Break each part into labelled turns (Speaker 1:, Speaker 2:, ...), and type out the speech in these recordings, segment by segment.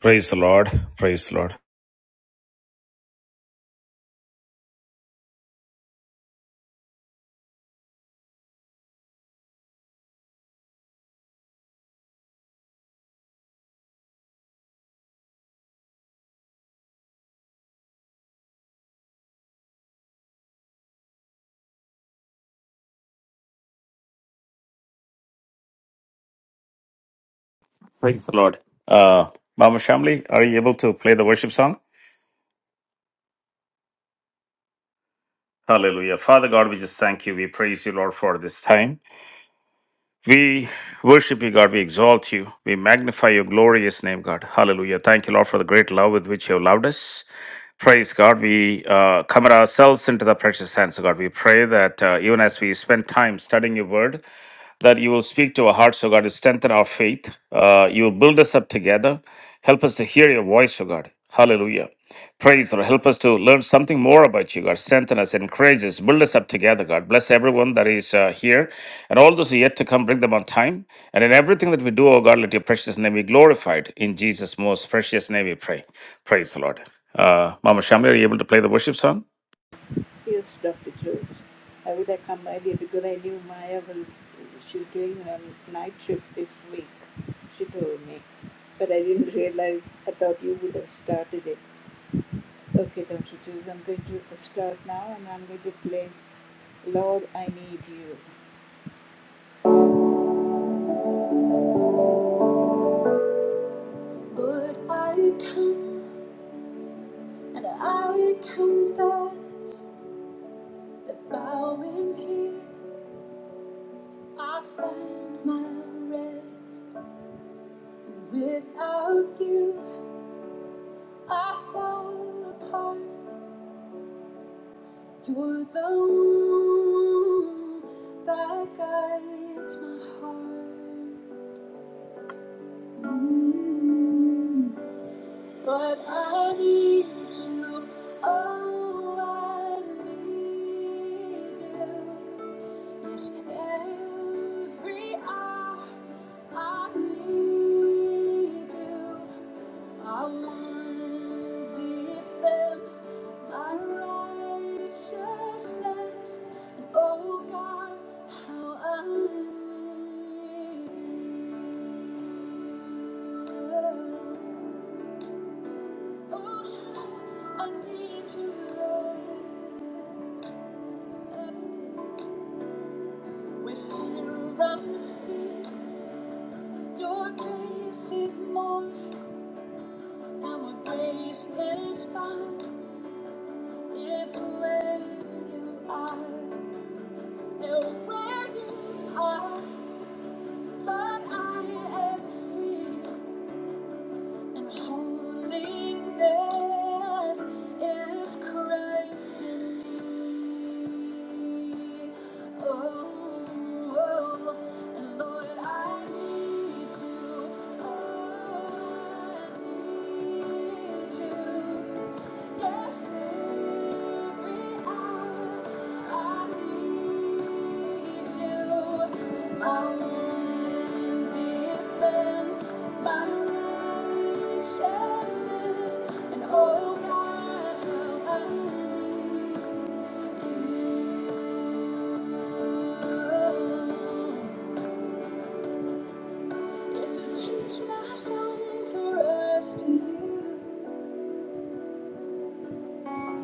Speaker 1: Praise the Lord. Praise the Lord. Praise the Lord. Uh, Mama Shamli, are you able to play the worship song? Hallelujah. Father God, we just thank you. We praise you, Lord, for this time. We worship you, God. We exalt you. We magnify your glorious name, God. Hallelujah. Thank you, Lord, for the great love with which you have loved us. Praise God. We uh, commit ourselves into the precious hands of God. We pray that uh, even as we spend time studying your word, that you will speak to our hearts, O God, to strengthen our faith. Uh, you will build us up together. Help us to hear your voice, O God. Hallelujah. Praise, Lord. Help us to learn something more about you, God. Strengthen us, encourage us, build us up together, God. Bless everyone that is uh, here and all those who are yet to come. Bring them on time. And in everything that we do, O God, let your precious name be glorified. In Jesus' most precious name we pray. Praise the Lord. Uh, Mama Shamli, are you able to play the worship song?
Speaker 2: But I come and I confess that bowing here I find my rest. Without you, I fall apart. You're the one that guides my heart. Mm-hmm. But I need you. Oh, I need you. Yes, every hour I need you. My one defense, my righteousness. And oh God, how I need you. Oh, I need you, Lord, every day. Where sin runs deep, your grace is more, and where grace is found is where you are. And where you are, but I am free. and holiness is Christ in me. Oh, oh, and Lord, I need you. Oh, I need you. Teach my song to rest in you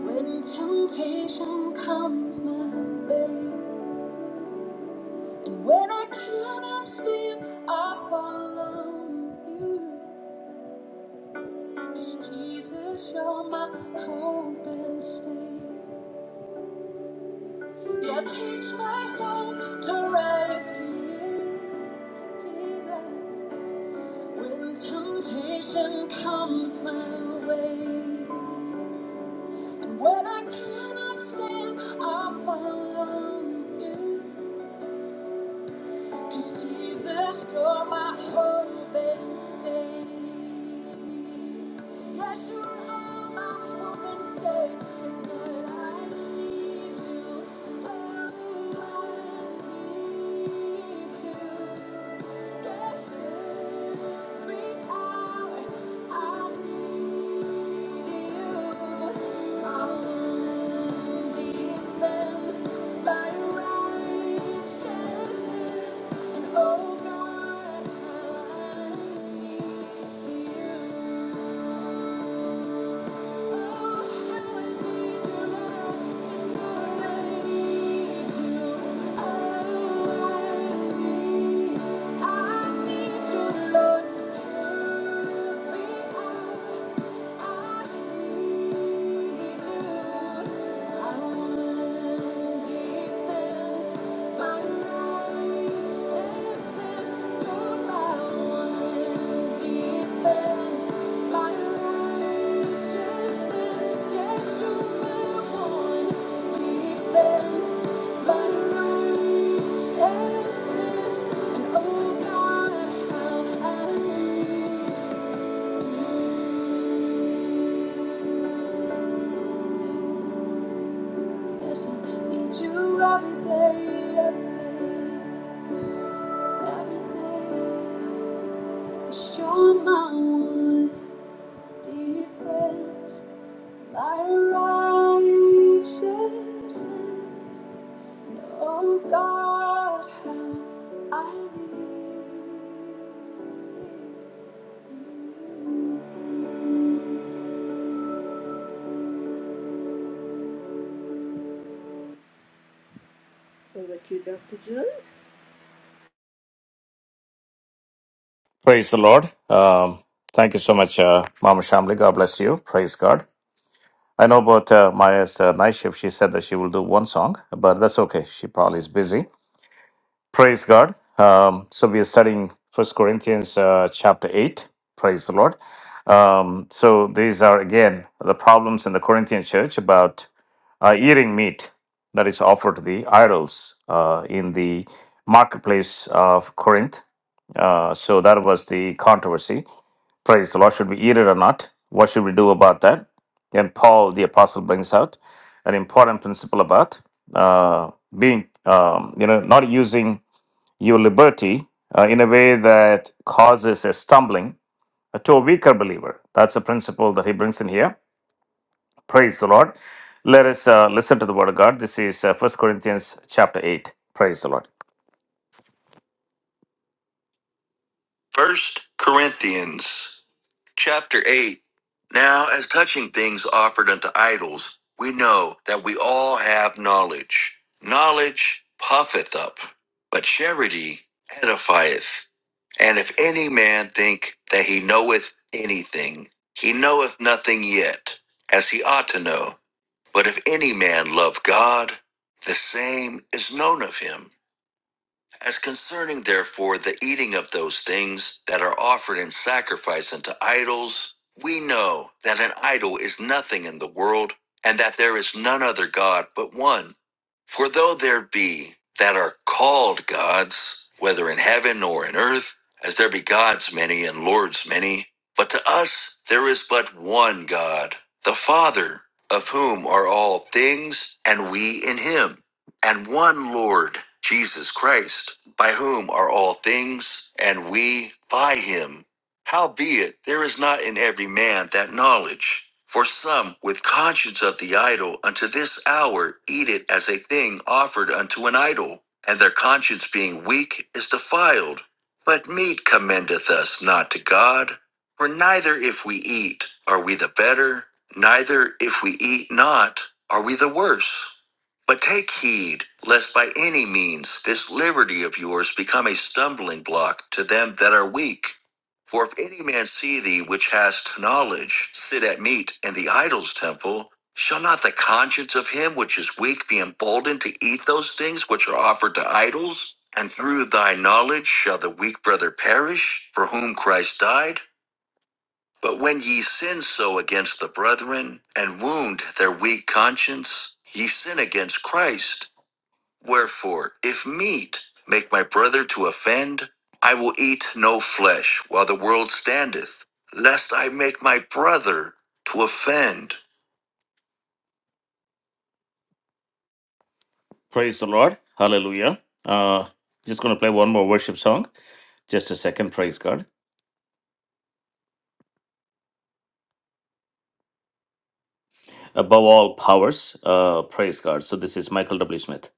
Speaker 2: when temptation comes my way. And when I cannot stand, I follow You. 'Cause Jesus, you're my hope and stay. Yeah, teach my soul to rise to you, Jesus. When temptation comes my way, and when I cannot stand, I follow you. 'Cause Jesus, you're my hope and stay. Yes, you are my hope and stay. It's what I need you. Oh, I need you. Oh God, I need you. Thank you Thank you Yes, I need you every day, every day, every day. 'Cause You're my one defense, my righteousness. Oh God, how I need you.
Speaker 1: Praise the Lord. Um, thank you so much, uh, Mama Shamli. God bless you. Praise God. I know about uh, Maya's uh, night shift. She said that she will do one song, but that's okay. She probably is busy. Praise God. Um, so we are studying First Corinthians uh, chapter eight. Praise the Lord. Um, so these are again the problems in the Corinthian church about uh, eating meat that is offered to the idols uh, in the marketplace of Corinth. Uh, so that was the controversy. Praise the Lord. Should we eat it or not? What should we do about that? And Paul the apostle brings out an important principle about uh, being, um, you know, not using your liberty uh, in a way that causes a stumbling uh, to a weaker believer. That's a principle that he brings in here. Praise the Lord. Let us uh, listen to the word of God. This is uh, 1 Corinthians chapter 8. Praise the Lord. First Corinthians Chapter 8 Now, as touching things offered unto idols, we know that we all have knowledge. Knowledge puffeth up, but charity edifieth. And if any man think that he knoweth anything, he knoweth nothing yet, as he ought to know. But if any man love God, the same is known of him. As concerning, therefore, the eating of those things that are offered in sacrifice unto idols, we know that an idol is nothing in the world, and that there is none other God but one. For though there be that are called gods, whether in heaven or in earth, as there be gods many and lords many, but to us there is but one God, the Father, of whom are all things, and we in him and one Lord, Jesus Christ, by whom are all things, and we by him. Howbeit, there is not in every man that knowledge. For some, with conscience of the idol, unto this hour eat it as a thing offered unto an idol, and their conscience being weak is defiled. But meat commendeth us not to God. For neither if we eat are we the better, neither if we eat not are we the worse. But take heed, lest by any means this liberty of yours become a stumbling block to them that are weak. For if any man see thee which hast knowledge sit at meat in the idol's temple, shall not the conscience of him which is weak be emboldened to eat those things which are offered to idols? And through thy knowledge shall the weak brother perish, for whom Christ died? But when ye sin so against the brethren, and wound their weak conscience, ye sin against Christ. Wherefore, if meat make my brother to offend, I will eat no flesh while the world standeth, lest I make my brother to offend. Praise the Lord. Hallelujah. Uh, just going to play one more worship song. Just a second. Praise God. Above all powers, uh, praise God. So this is Michael W. Smith.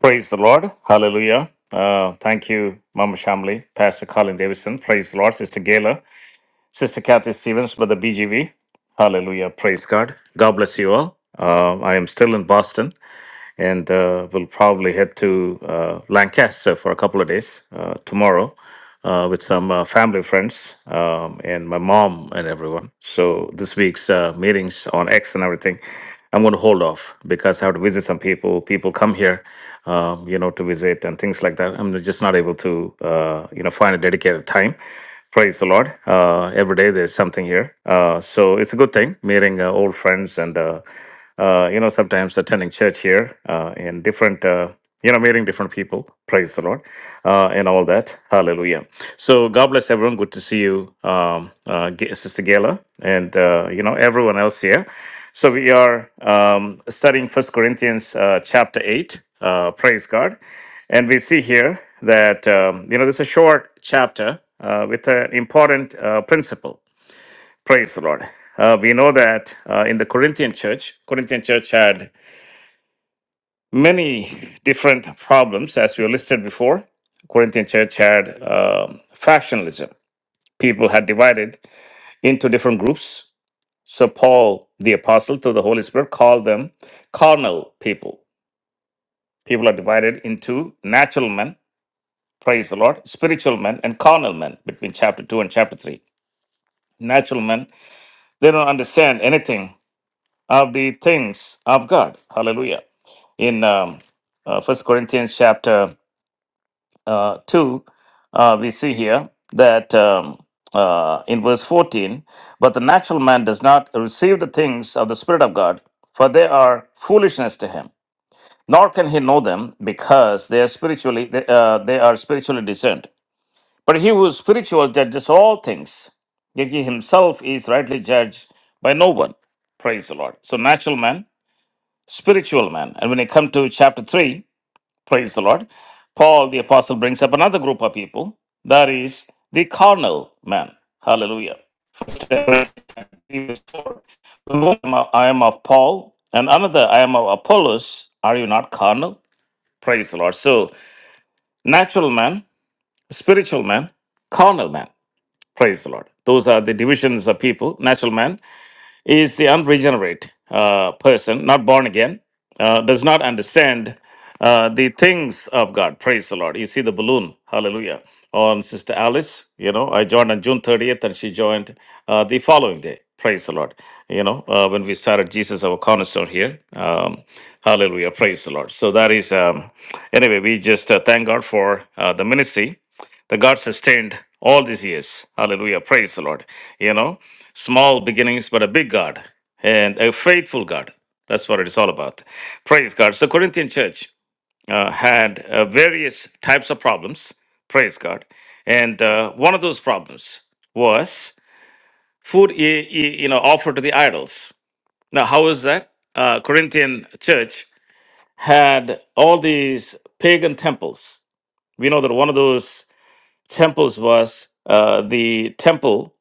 Speaker 1: Praise the Lord. Hallelujah. Uh, thank you, Mama Shamli, Pastor Colin Davidson. Praise the Lord, Sister Gayla. Sister Kathy Stevens by the BGV. Hallelujah. Praise God. God bless you all. Uh, I am still in Boston and uh, we'll probably head to uh, Lancaster for a couple of days uh, tomorrow uh, with some uh, family friends um, and my mom and everyone. So this week's uh, meetings on X and everything, I'm going to hold off because I have to visit some people. People come here, um, you know, to visit and things like that. I'm just not able to, uh, you know, find a dedicated time. Praise the Lord. Uh, every day there's something here. Uh, so it's a good thing meeting uh, old friends and uh, uh, you know, sometimes attending church here uh, and different, uh, you know, meeting different people. Praise the Lord uh, and all that. Hallelujah. So God bless everyone. Good to see you, um, uh, G- Sister Gayla, and uh, you know everyone else here. So we are um, studying First Corinthians uh, chapter eight. Uh, praise God, and we see here that um, you know this is a short chapter uh, with an important uh, principle Praise the Lord. Uh, we know that uh, in the Corinthian church, Corinthian church had many different problems, as we listed before. Corinthian church had um, factionalism. People had divided into different groups. So Paul, the apostle, through the Holy Spirit, called them carnal people. People are divided into natural men, praise the Lord, spiritual men, and carnal men between chapter 2 and chapter 3. Natural men, they don't understand anything of the things of God. Hallelujah. In um, uh, 1 Corinthians chapter uh, 2, uh, we see here that um, uh, in verse 14, but the natural man does not receive the things of the Spirit of God, for they are foolishness to him. Nor can he know them because they are spiritually they, uh, they are spiritually discerned. But he who is spiritual judges all things, yet he himself is rightly judged by no one. Praise the Lord. So natural man spiritual man. And when I come to chapter 3, praise the Lord, Paul the apostle brings up another group of people, that is the carnal man. Hallelujah. First Corinthians 4, I am of Paul, and another I am of Apollos. Are you not carnal? Praise the Lord. So, natural man, spiritual man, carnal man. Praise the Lord. Those are the divisions of people natural man, is the unregenerate uh, person, not born again, uh, does not understand uh, the things of God. Praise the Lord. You see the balloon. Hallelujah. On Sister Alice, you know, I joined on June 30th and she joined uh, the following day. Praise the Lord. You know, uh, when we started Jesus, our cornerstone here. Um, hallelujah. Praise the Lord. So that is, um, anyway, we just uh, thank God for uh, the ministry that God sustained all these years. Hallelujah. Praise the Lord. You know, Small beginnings, but a big God and a faithful God. That's what it's all about. Praise God. So, Corinthian church uh, had uh, various types of problems. Praise God. And uh, one of those problems was food, y- y- you know, offered to the idols. Now, how is that? Uh, Corinthian church had all these pagan temples. We know that one of those temples was uh, the temple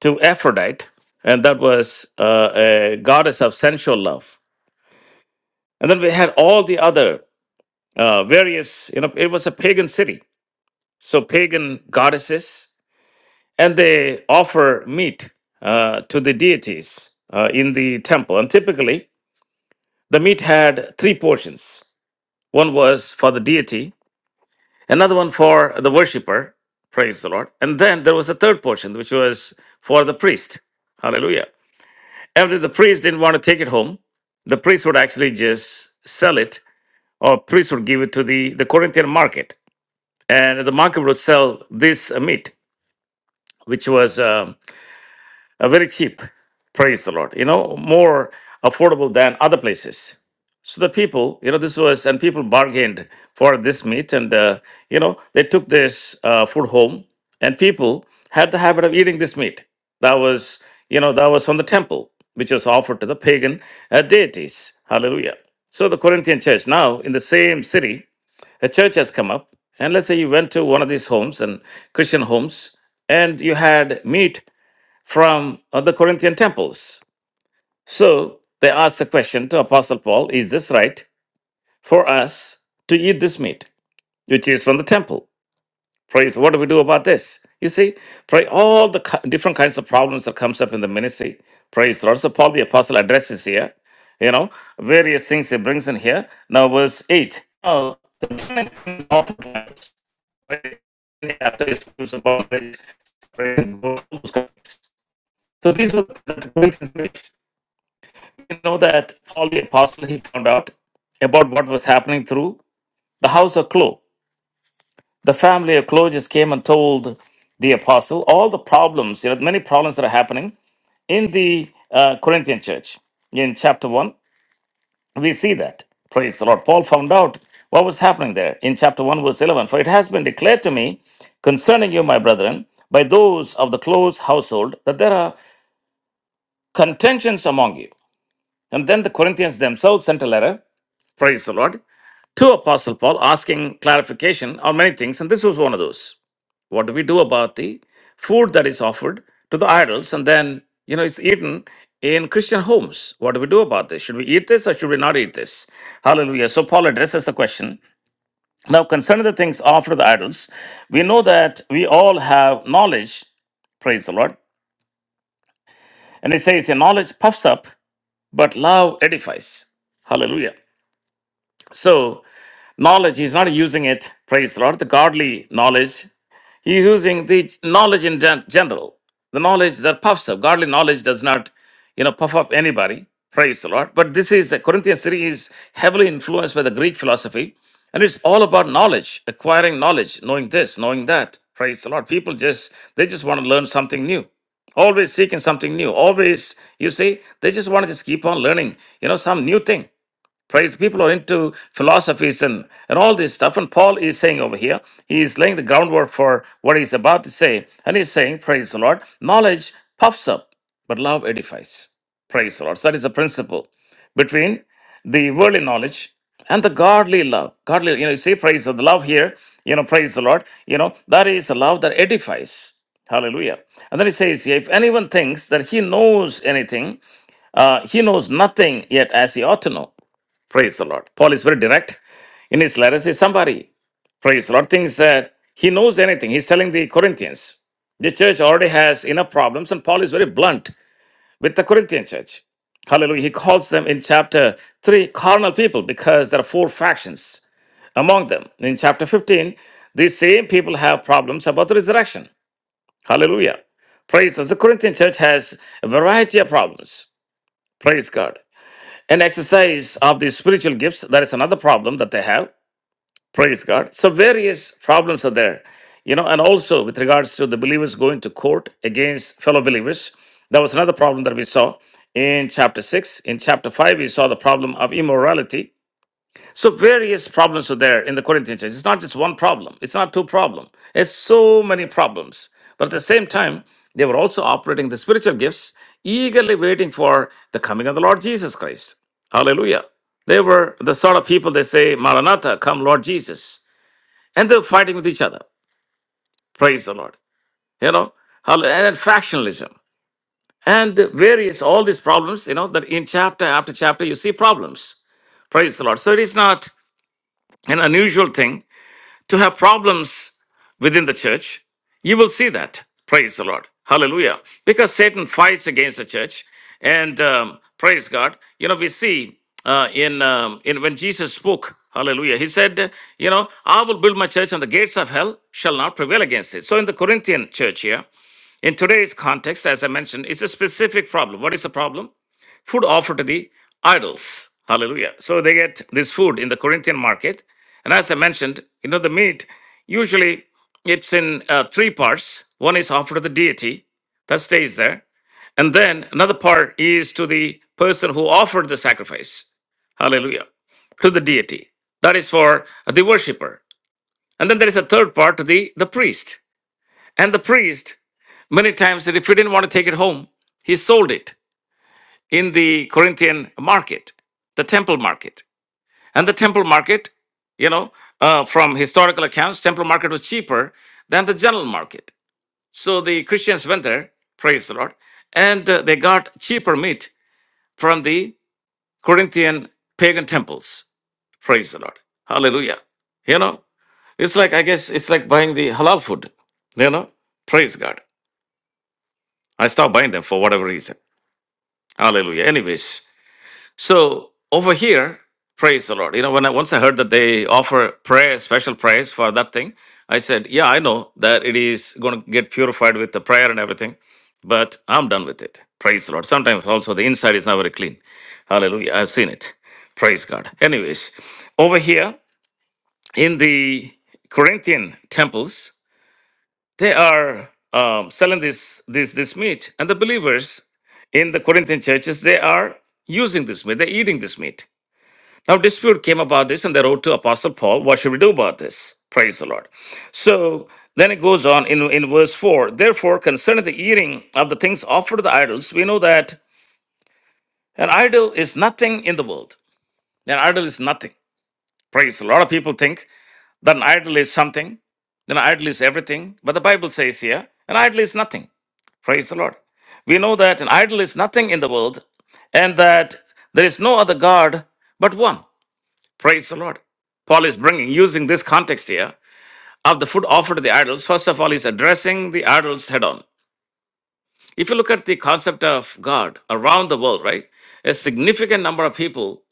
Speaker 1: to Aphrodite, and that was uh, a goddess of sensual love. And then we had all the other uh, various, you know, it was a pagan city, so pagan goddesses, and they offer meat uh, to the deities uh, in the temple. And typically, the meat had three portions one was for the deity, another one for the worshiper, praise the Lord, and then there was a third portion, which was for the priest. Hallelujah. After the priest didn't want to take it home, the priest would actually just sell it, or priest would give it to the, the Corinthian market. And the market would sell this uh, meat, which was um, uh, very cheap. Praise the Lord. You know, more affordable than other places. So the people, you know, this was, and people bargained for this meat, and uh, you know, they took this uh, food home, and people had the habit of eating this meat. That was, you know, that was from the temple, which was offered to the pagan uh, deities. Hallelujah. So the Corinthian church now in the same city, a church has come up, and let's say you went to one of these homes and Christian homes, and you had meat from uh, the Corinthian temples. So they asked the question to Apostle Paul Is this right for us to eat this meat, which is from the temple? Praise, what do we do about this? You see, pray all the ki- different kinds of problems that comes up in the ministry. Praise the Lord. So Paul the Apostle addresses here, you know, various things he brings in here. Now verse 8. Now, the man is oftentimes, right, after his abuse so these were the Corinthians. know that Paul the Apostle he found out about what was happening through the house of Chloe. The family of Chloe just came and told the apostle all the problems, you know, many problems that are happening in the uh, Corinthian church. In chapter 1, we see that. Praise the Lord. Paul found out what was happening there in chapter 1, verse 11. For it has been declared to me concerning you, my brethren, by those of the close household, that there are contentions among you. And then the Corinthians themselves sent a letter, praise the Lord, to Apostle Paul asking clarification on many things, and this was one of those. What do we do about the food that is offered to the idols and then, you know, it's eaten in Christian homes? What do we do about this? Should we eat this or should we not eat this? Hallelujah. So Paul addresses the question. Now, concerning the things offered to the idols, we know that we all have knowledge, praise the Lord. And he says, knowledge puffs up, but love edifies. Hallelujah. So, knowledge, he's not using it, praise the Lord, the godly knowledge He's using the knowledge in gen- general, the knowledge that puffs up. Godly knowledge does not, you know, puff up anybody. Praise the Lord. But this is, a Corinthian city is heavily influenced by the Greek philosophy. And it's all about knowledge, acquiring knowledge, knowing this, knowing that. Praise the Lord. People just, they just want to learn something new. Always seeking something new. Always, you see, they just want to just keep on learning, you know, some new thing. Praise people are into philosophies and, and all this stuff. And Paul is saying over here, he is laying the groundwork for what he's about to say. And he's saying, Praise the Lord, knowledge puffs up, but love edifies. Praise the Lord. So that is a principle between the worldly knowledge and the godly love. Godly, you know, you see, praise the love here, you know, praise the Lord. You know, that is a love that edifies. Hallelujah. And then he says, if anyone thinks that he knows anything, uh, he knows nothing yet as he ought to know. Praise the Lord. Paul is very direct in his letters. He's somebody, praise the Lord, thinks that he knows anything. He's telling the Corinthians. The church already has enough problems, and Paul is very blunt with the Corinthian church. Hallelujah. He calls them in chapter 3 carnal people because there are four factions among them. In chapter 15, these same people have problems about the resurrection. Hallelujah. Praise God. The Corinthian church has a variety of problems. Praise God. An exercise of the spiritual gifts, that is another problem that they have. Praise God. So various problems are there, you know, and also with regards to the believers going to court against fellow believers, that was another problem that we saw in chapter six. In chapter five, we saw the problem of immorality. So various problems are there in the Corinthian church. It's not just one problem. It's not two problems. It's so many problems. But at the same time, they were also operating the spiritual gifts, eagerly waiting for the coming of the Lord Jesus Christ. Hallelujah. They were the sort of people they say, Maranatha, come Lord Jesus and they're fighting with each other. Praise the Lord. You know, hall- and then factionalism and the various all these problems. You know that in chapter after chapter you see problems. Praise the Lord. So it is not an unusual thing to have problems within the church. You will see that. Praise the Lord. Hallelujah. Because Satan fights against the church. And um, praise God. You know, we see uh, in, um, in when Jesus spoke, hallelujah, he said, You know, I will build my church and the gates of hell shall not prevail against it. So in the Corinthian church here, in today's context, as I mentioned, it's a specific problem. What is the problem? food offered to the idols. Hallelujah. So they get this food in the Corinthian market. And as I mentioned, you know, the meat, usually it's in uh, three parts. One is offered to the deity, that stays there. And then another part is to the person who offered the sacrifice. Hallelujah. To the deity. That is for the worshiper. And then there is a third part to the, the priest. And the priest, many times, if he didn't want to take it home, he sold it in the Corinthian market, the temple market. And the temple market, you know, uh, from historical accounts, temple market was cheaper than the general market. So the Christians went there, praise the Lord, and uh, they got cheaper meat from the Corinthian pagan temples, praise the Lord. Hallelujah. You know, it's like, I guess, it's like buying the halal food, you know, praise God. I stopped buying them for whatever reason. Hallelujah. Anyways, So over here, praise the Lord. You know, when I once I heard that they offer prayer, special prayers for that thing, I said, Yeah, I know that it is going to get purified with the prayer and everything, but I'm done with it. Praise the Lord. Sometimes also the inside is not very clean. Hallelujah. I've seen it. Praise God. Anyways, over here in the Corinthian temples, they are um, selling this this this meat, and the believers in the Corinthian churches they are using this meat, they're eating this meat. Now, dispute came about this, and they wrote to Apostle Paul, What should we do about this? Praise the Lord. So then it goes on in, in verse 4 Therefore, concerning the eating of the things offered to the idols, we know that an idol is nothing in the world. An idol is nothing. Praise. the Lord. A lot of people think that an idol is something, then an idol is everything. But the Bible says here, an idol is nothing. Praise the Lord. We know that an idol is nothing in the world, and that there is no other God but one. Praise the Lord. Paul is bringing, using this context here of the food offered to the idols, first of all, he's addressing the idols head on. If you look at the concept of God around the world, right, a significant number of people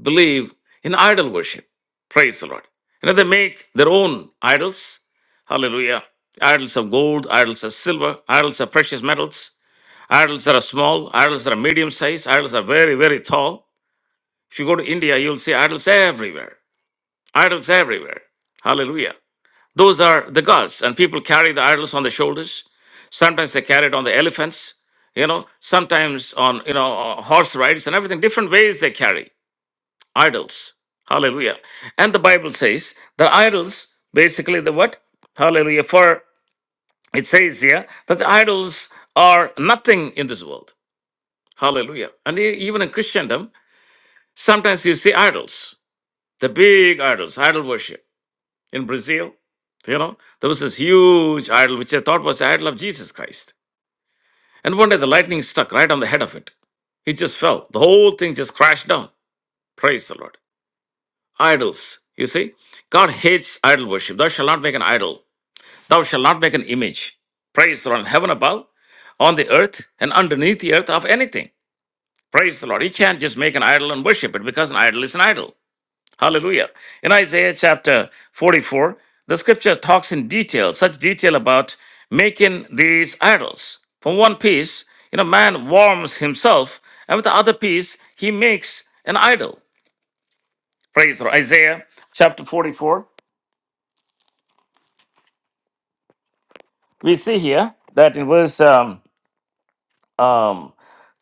Speaker 1: believe in idol worship. Praise the Lord. You know, they make their own idols. Hallelujah. Idols of gold, idols of silver, idols of precious metals, idols that are small, idols that are medium sized, idols that are very, very tall. If you go to India, you'll see idols everywhere Idols everywhere. Hallelujah. Those are the gods, and people carry the idols on their shoulders. Sometimes they carry it on the elephants, you know, sometimes on, you know, uh, horse rides and everything. Different ways they carry idols. Hallelujah. And the Bible says the idols, basically the what? Hallelujah. For it says here that the idols are nothing in this world. Hallelujah. And e- even in Christendom, sometimes you see idols, the big idols, idol worship. in Brazil. You know, there was this huge idol which they thought was the idol of Jesus Christ. And one day the lightning struck right on the head of it. It just fell. The whole thing just crashed down. Praise the Lord. Idols. You see, God hates idol worship. Thou shalt not make an idol. Thou shalt not make an image. Praise the Lord. In heaven above, on the earth, and underneath the earth of anything. Praise the Lord. You can't just make an idol and worship it because an idol is an idol. Hallelujah. In Isaiah chapter 44, the scripture talks in detail, such detail about making these idols. From one piece, you know, man warms himself, and with the other piece, he makes an idol. Praise the Lord. Isaiah chapter 44. We see here that in verse um, um,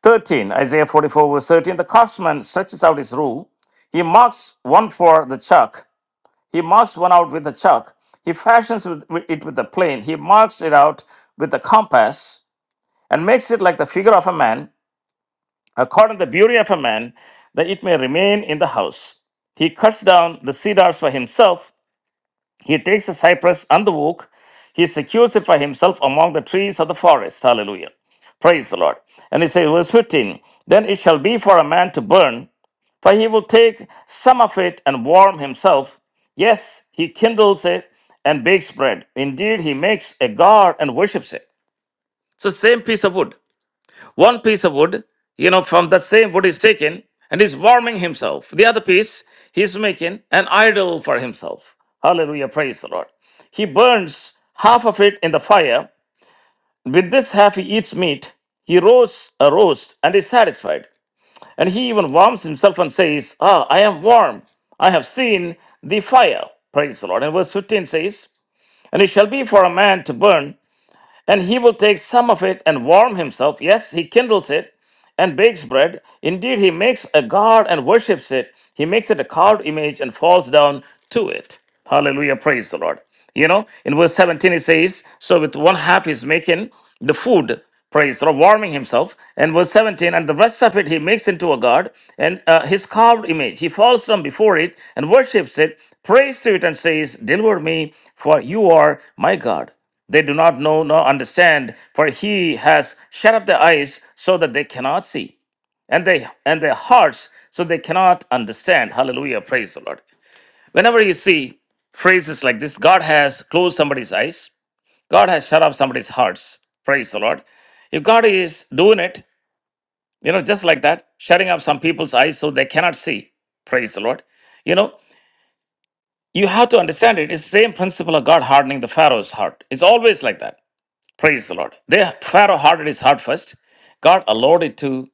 Speaker 1: 13, Isaiah 44, verse 13, the craftsman stretches out his rule. He marks one for the chalk He marks one out with a chalk. He fashions with- with it with a plane. He marks it out with a compass and makes it like the figure of a man, according to the beauty of a man, that it may remain in the house. He cuts down the cedars for himself. He takes the cypress and the oak. He secures it for himself among the trees of the forest. Hallelujah. Praise the Lord. And he says, verse 15, then it shall be for a man to burn for he will take some of it and warm himself. Yes, he kindles it and bakes bread. Indeed, he makes a god and worships it. So, same piece of wood. One piece of wood, you know, from the same wood is taken and is warming himself. The other piece, he's making an idol for himself. Hallelujah. Praise the Lord. He burns half of it in the fire. With this half, he eats meat. He roasts a roast and is satisfied. And he even warms himself and says, Ah, I am warm. I have seen the fire. Praise the Lord. And verse 15 says, And it shall be for a man to burn and he will take some of it and warm himself. Yes, he kindles it and bakes bread. Indeed, he makes a god and worships it. He makes it a carved image and falls down to it. Hallelujah. Praise the Lord. You know, in verse 17, it says, So with one half he's making the food, praise the Lord, warming himself. And verse 17, and the rest of it he makes into a god and uh, his carved image. He falls down before it and worships it, prays to it, and says, Deliver me, for you are my God. They do not know nor understand, for he has shut up their eyes so that they cannot see, and they and their hearts so they cannot understand. Hallelujah. Praise the Lord. Whenever you see phrases like this, God has closed somebody's eyes, God has shut up somebody's hearts. Praise the Lord. If God is doing it, you know, just like that, shutting up some people's eyes so they cannot see. Praise the Lord. You know, you have to understand it. It's the same principle of God hardening the Pharaoh's heart. It's always like that. Praise the Lord. They, Pharaoh hardened his heart first. God allowed it to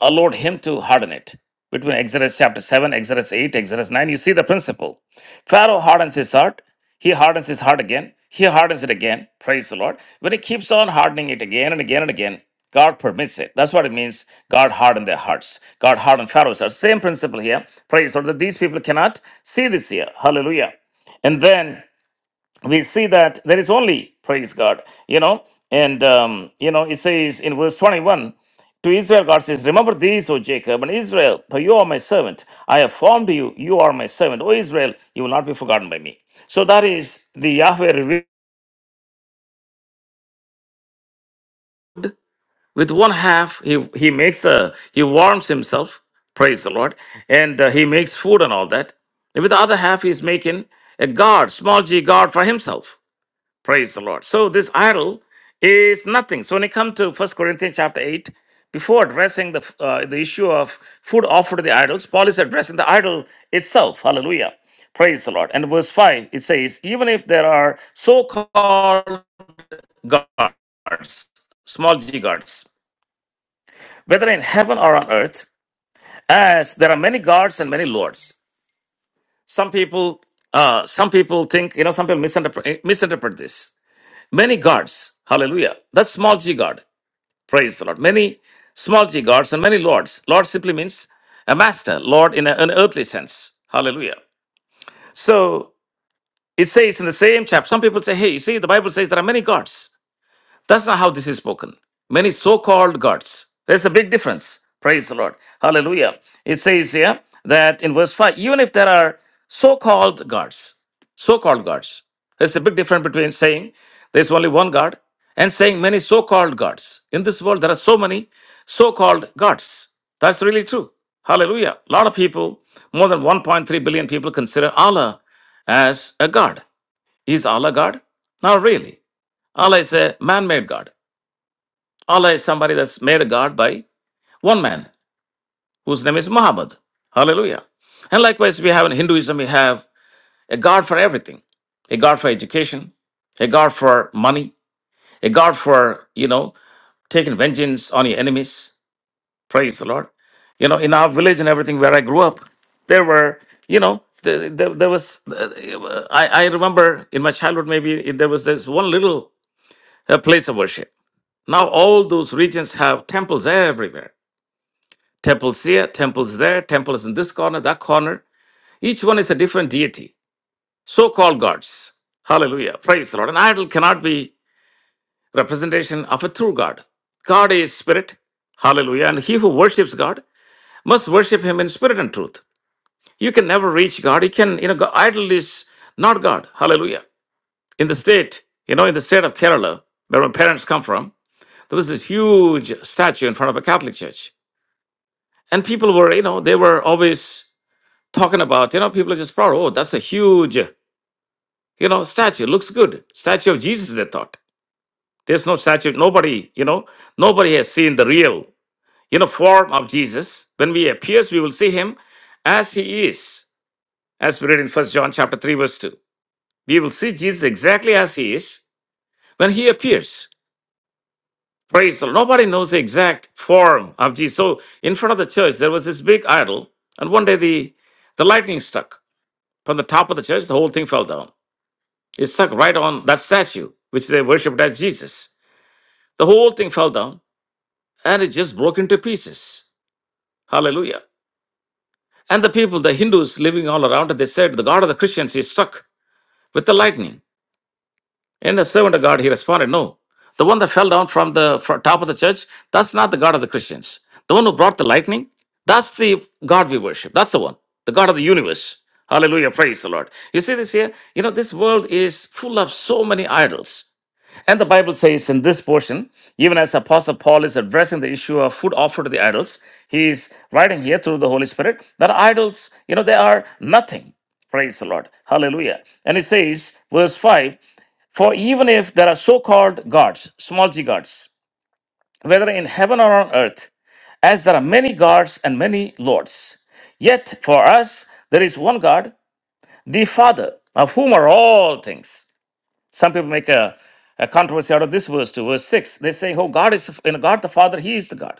Speaker 1: allowed him to harden it. Between Exodus chapter 7, Exodus 8, Exodus 9, you see the principle. Pharaoh hardens his heart. He hardens his heart again. He hardens it again. Praise the Lord. When he keeps on hardening it again and again and again, God permits it. That's what it means. God hardened their hearts. God hardened Pharaoh's heart. Same principle here. Praise the Lord. That these people cannot see this here. Hallelujah. And then we see that there is only praise God, you know, and um, you know it says in verse 21 to Israel, God says, Remember these, O Jacob and Israel, for you are my servant. I have formed you, you are my servant, O Israel, you will not be forgotten by me. So that is the Yahweh reveal. With one half, he, he makes a he warms himself, praise the Lord, and uh, he makes food and all that. And with the other half, he's making a god, small g god for himself Praise the Lord. So this idol is nothing. So when you come to First Corinthians chapter 8, before addressing the, uh, the issue of food offered to the idols, Paul is addressing the idol itself. Hallelujah. Praise the Lord. And verse 5, it says, even if there are so called gods, small g gods, whether in heaven or on earth, as there are many gods and many lords. Some people, uh, some people think, you know, some people misinterpret, misinterpret this. Many gods, hallelujah. That's small g god. Praise the Lord. Many small g gods and many lords. Lord simply means a master, Lord in a- an earthly sense. Hallelujah. So it says in the same chapter, some people say, hey, you see, the Bible says there are many gods. That's not how this is spoken. Many so called gods. There's a big difference. Praise the Lord. Hallelujah. It says here that in verse 5, even if there are so called gods, so called gods, there's a big difference between saying there's only one God and saying many so called gods. In this world, there are so many so called gods. That's really true. Hallelujah. A lot of people, more than 1.3 billion people, consider Allah as a God. Is Allah God? Not really. Allah is a man made God. Allah is somebody that's made a god by one man whose name is Muhammad. Hallelujah. And likewise, we have in Hinduism, we have a god for everything a god for education, a god for money, a god for, you know, taking vengeance on your enemies. Praise the Lord. You know, in our village and everything where I grew up, there were, you know, there, there, there was, uh, I, I remember in my childhood, maybe it- there was this one little uh, place of worship. Now all those regions have temples everywhere Temples here, temples there, temples in this corner, that corner. Each one is a different deity, so called gods. Hallelujah. Praise the Lord. An idol cannot be representation of a true God. God is spirit. Hallelujah. And he who worships God must worship him in spirit and truth. You can never reach God. You can, you know, God, idol is not God. Hallelujah. In the state, you know, in the state of Kerala, where my parents come from, there was this huge statue in front of a Catholic church. And people were, you know, they were always talking about, you know, people are just proud. Oh, that's a huge, you know, statue. Looks good. Statue of Jesus, they thought. There's no statue. Nobody, you know, nobody has seen the real, you know, form of Jesus. When we appears, we will see him as he is. As we read in First John chapter 3, verse 2. We will see Jesus exactly as he is when he appears. Praise the Lord. Nobody knows the exact form of Jesus. So in front of the church, there was this big idol, and one day the the lightning struck from the top of the church, the whole thing fell down. It stuck right on that statue, which they worshipped as Jesus. The whole thing fell down and it just broke into pieces. Hallelujah. And the people, the Hindus living all around it, they said, The God of the Christians is struck with the lightning. And the servant of God, he responded, No. The one that fell down from the fr- top of the church, that's not the God of the Christians. The one who brought the lightning, that's the God we worship. That's the one, the God of the universe. Hallelujah. Praise the Lord. You see this here? You know, this world is full of so many idols. And the Bible says in this portion, even as Apostle Paul is addressing the issue of food offered to the idols, he is writing here through the Holy Spirit that idols, you know, they are nothing. Praise the Lord. Hallelujah. And it says, verse 5 For even if there are so called gods, small g gods, whether in heaven or on earth, as there are many gods and many lords, yet for us there is one God, the Father, of whom are all things some people make a, a controversy out of this verse to verse 6 they say oh god is you know god the father he is the god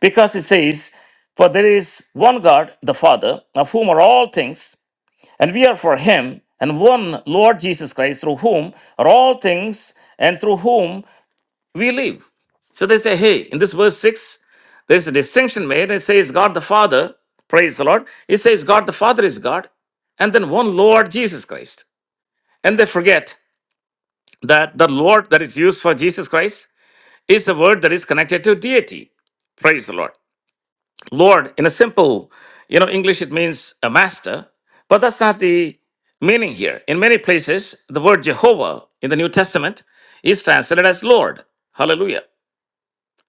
Speaker 1: because it says for there is one god the father of whom are all things and we are for him and one lord jesus christ through whom are all things and through whom we live so they say hey in this verse 6 there's a distinction made it says god the father praise the lord it says god the father is god and then one lord jesus christ and they forget that the Lord that is used for Jesus Christ is a word that is connected to deity. Praise the Lord. Lord, in a simple, you know, English, it means a master, but that's not the meaning here. In many places, the word Jehovah in the New Testament is translated as Lord. Hallelujah.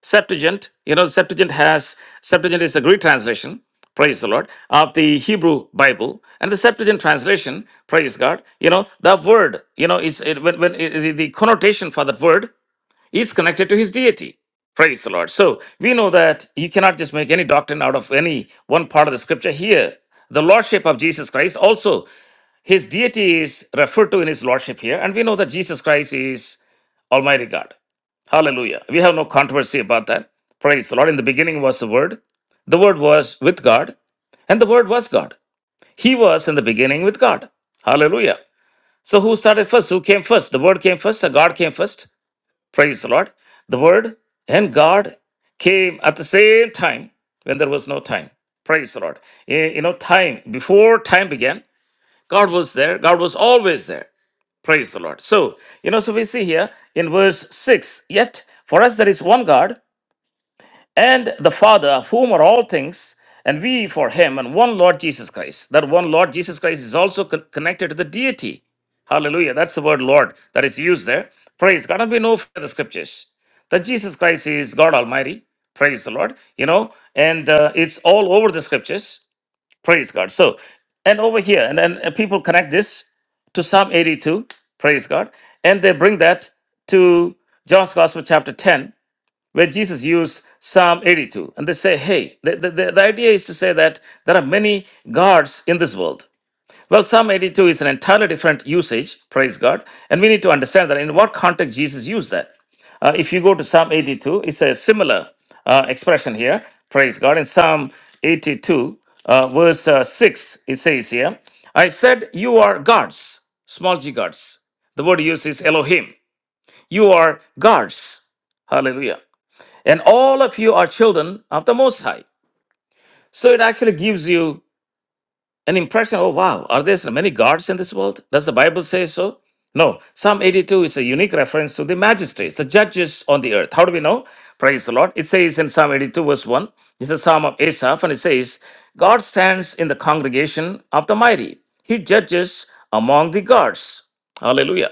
Speaker 1: Septuagint, you know, Septuagint has, Septuagint is a Greek translation, praise the Lord, of the Hebrew Bible. And the Septuagint translation, praise God, you know, that word, you know, is it, when, when it, the the connotation for that word is connected to his deity. Praise the Lord. So we know that you cannot just make any doctrine out of any one part of the scripture here. The lordship of Jesus Christ also, his deity is referred to in his lordship here. And we know that Jesus Christ is Almighty God. Hallelujah. We have no controversy about that. Praise the Lord. In the beginning was the Word. The Word was with God, and the Word was God. He was in the beginning with God. Hallelujah. So who started first? Who came first? The Word came first, the God came first. Praise the Lord. The Word and God came at the same time when there was no time. Praise the Lord. Eh, You know, time, before time began, God was there. God was always there. Praise the Lord. So, you know, so we see here in verse 6 yet for us there is one God and the Father, of whom are all things, and we for him, and one Lord Jesus Christ. That one Lord Jesus Christ is also con- connected to the deity. Hallelujah. That's the word Lord that is used there. Praise God. And we know from the scriptures that Jesus Christ is God Almighty. Praise the Lord. You know, and uh, it's all over the scriptures. Praise God. So, and over here, and then uh, people connect this to Psalm 82. Praise God. And they bring that to John's Gospel, chapter 10 where Jesus used Psalm 82. And they say, hey, the, the, the the idea is to say that there are many gods in this world. Well, Psalm 82 is an entirely different usage, praise God. And we need to understand that in what context Jesus used that. Uh, if you go to Psalm 82, it's a similar uh, expression here, praise God. In Psalm 82, uh, verse uh, 6, it says here, I said, You are gods, small g gods. The word used is Elohim. You are gods. Hallelujah. And all of you are children of the Most High. So it actually gives you an impression oh, wow, are there so many gods in this world? Does the Bible say so? No. Psalm 82 is a unique reference to the magistrates, the judges on the earth. How do we know? Praise the Lord. It says in Psalm 82, verse 1, it's a psalm of Asaph, and it says, God stands in the congregation of the mighty, he judges among the gods. Hallelujah.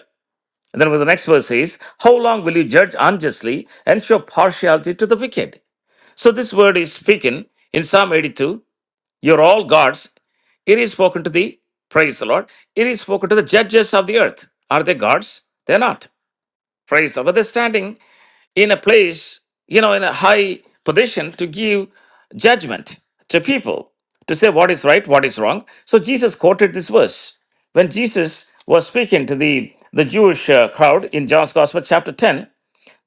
Speaker 1: And then with the next verse says, How long will you judge unjustly and show partiality to the wicked? So this word is speaking in Psalm 82, you're all gods. It is spoken to the, praise the Lord, it is spoken to the judges of the earth. Are they gods? They're not. Praise the Lord. But they're standing in a place, you know, in a high position to give judgment to people, to say what is right, what is wrong. So Jesus quoted this verse. When Jesus was speaking to the, the Jewish uh, crowd in John's Gospel, chapter 10,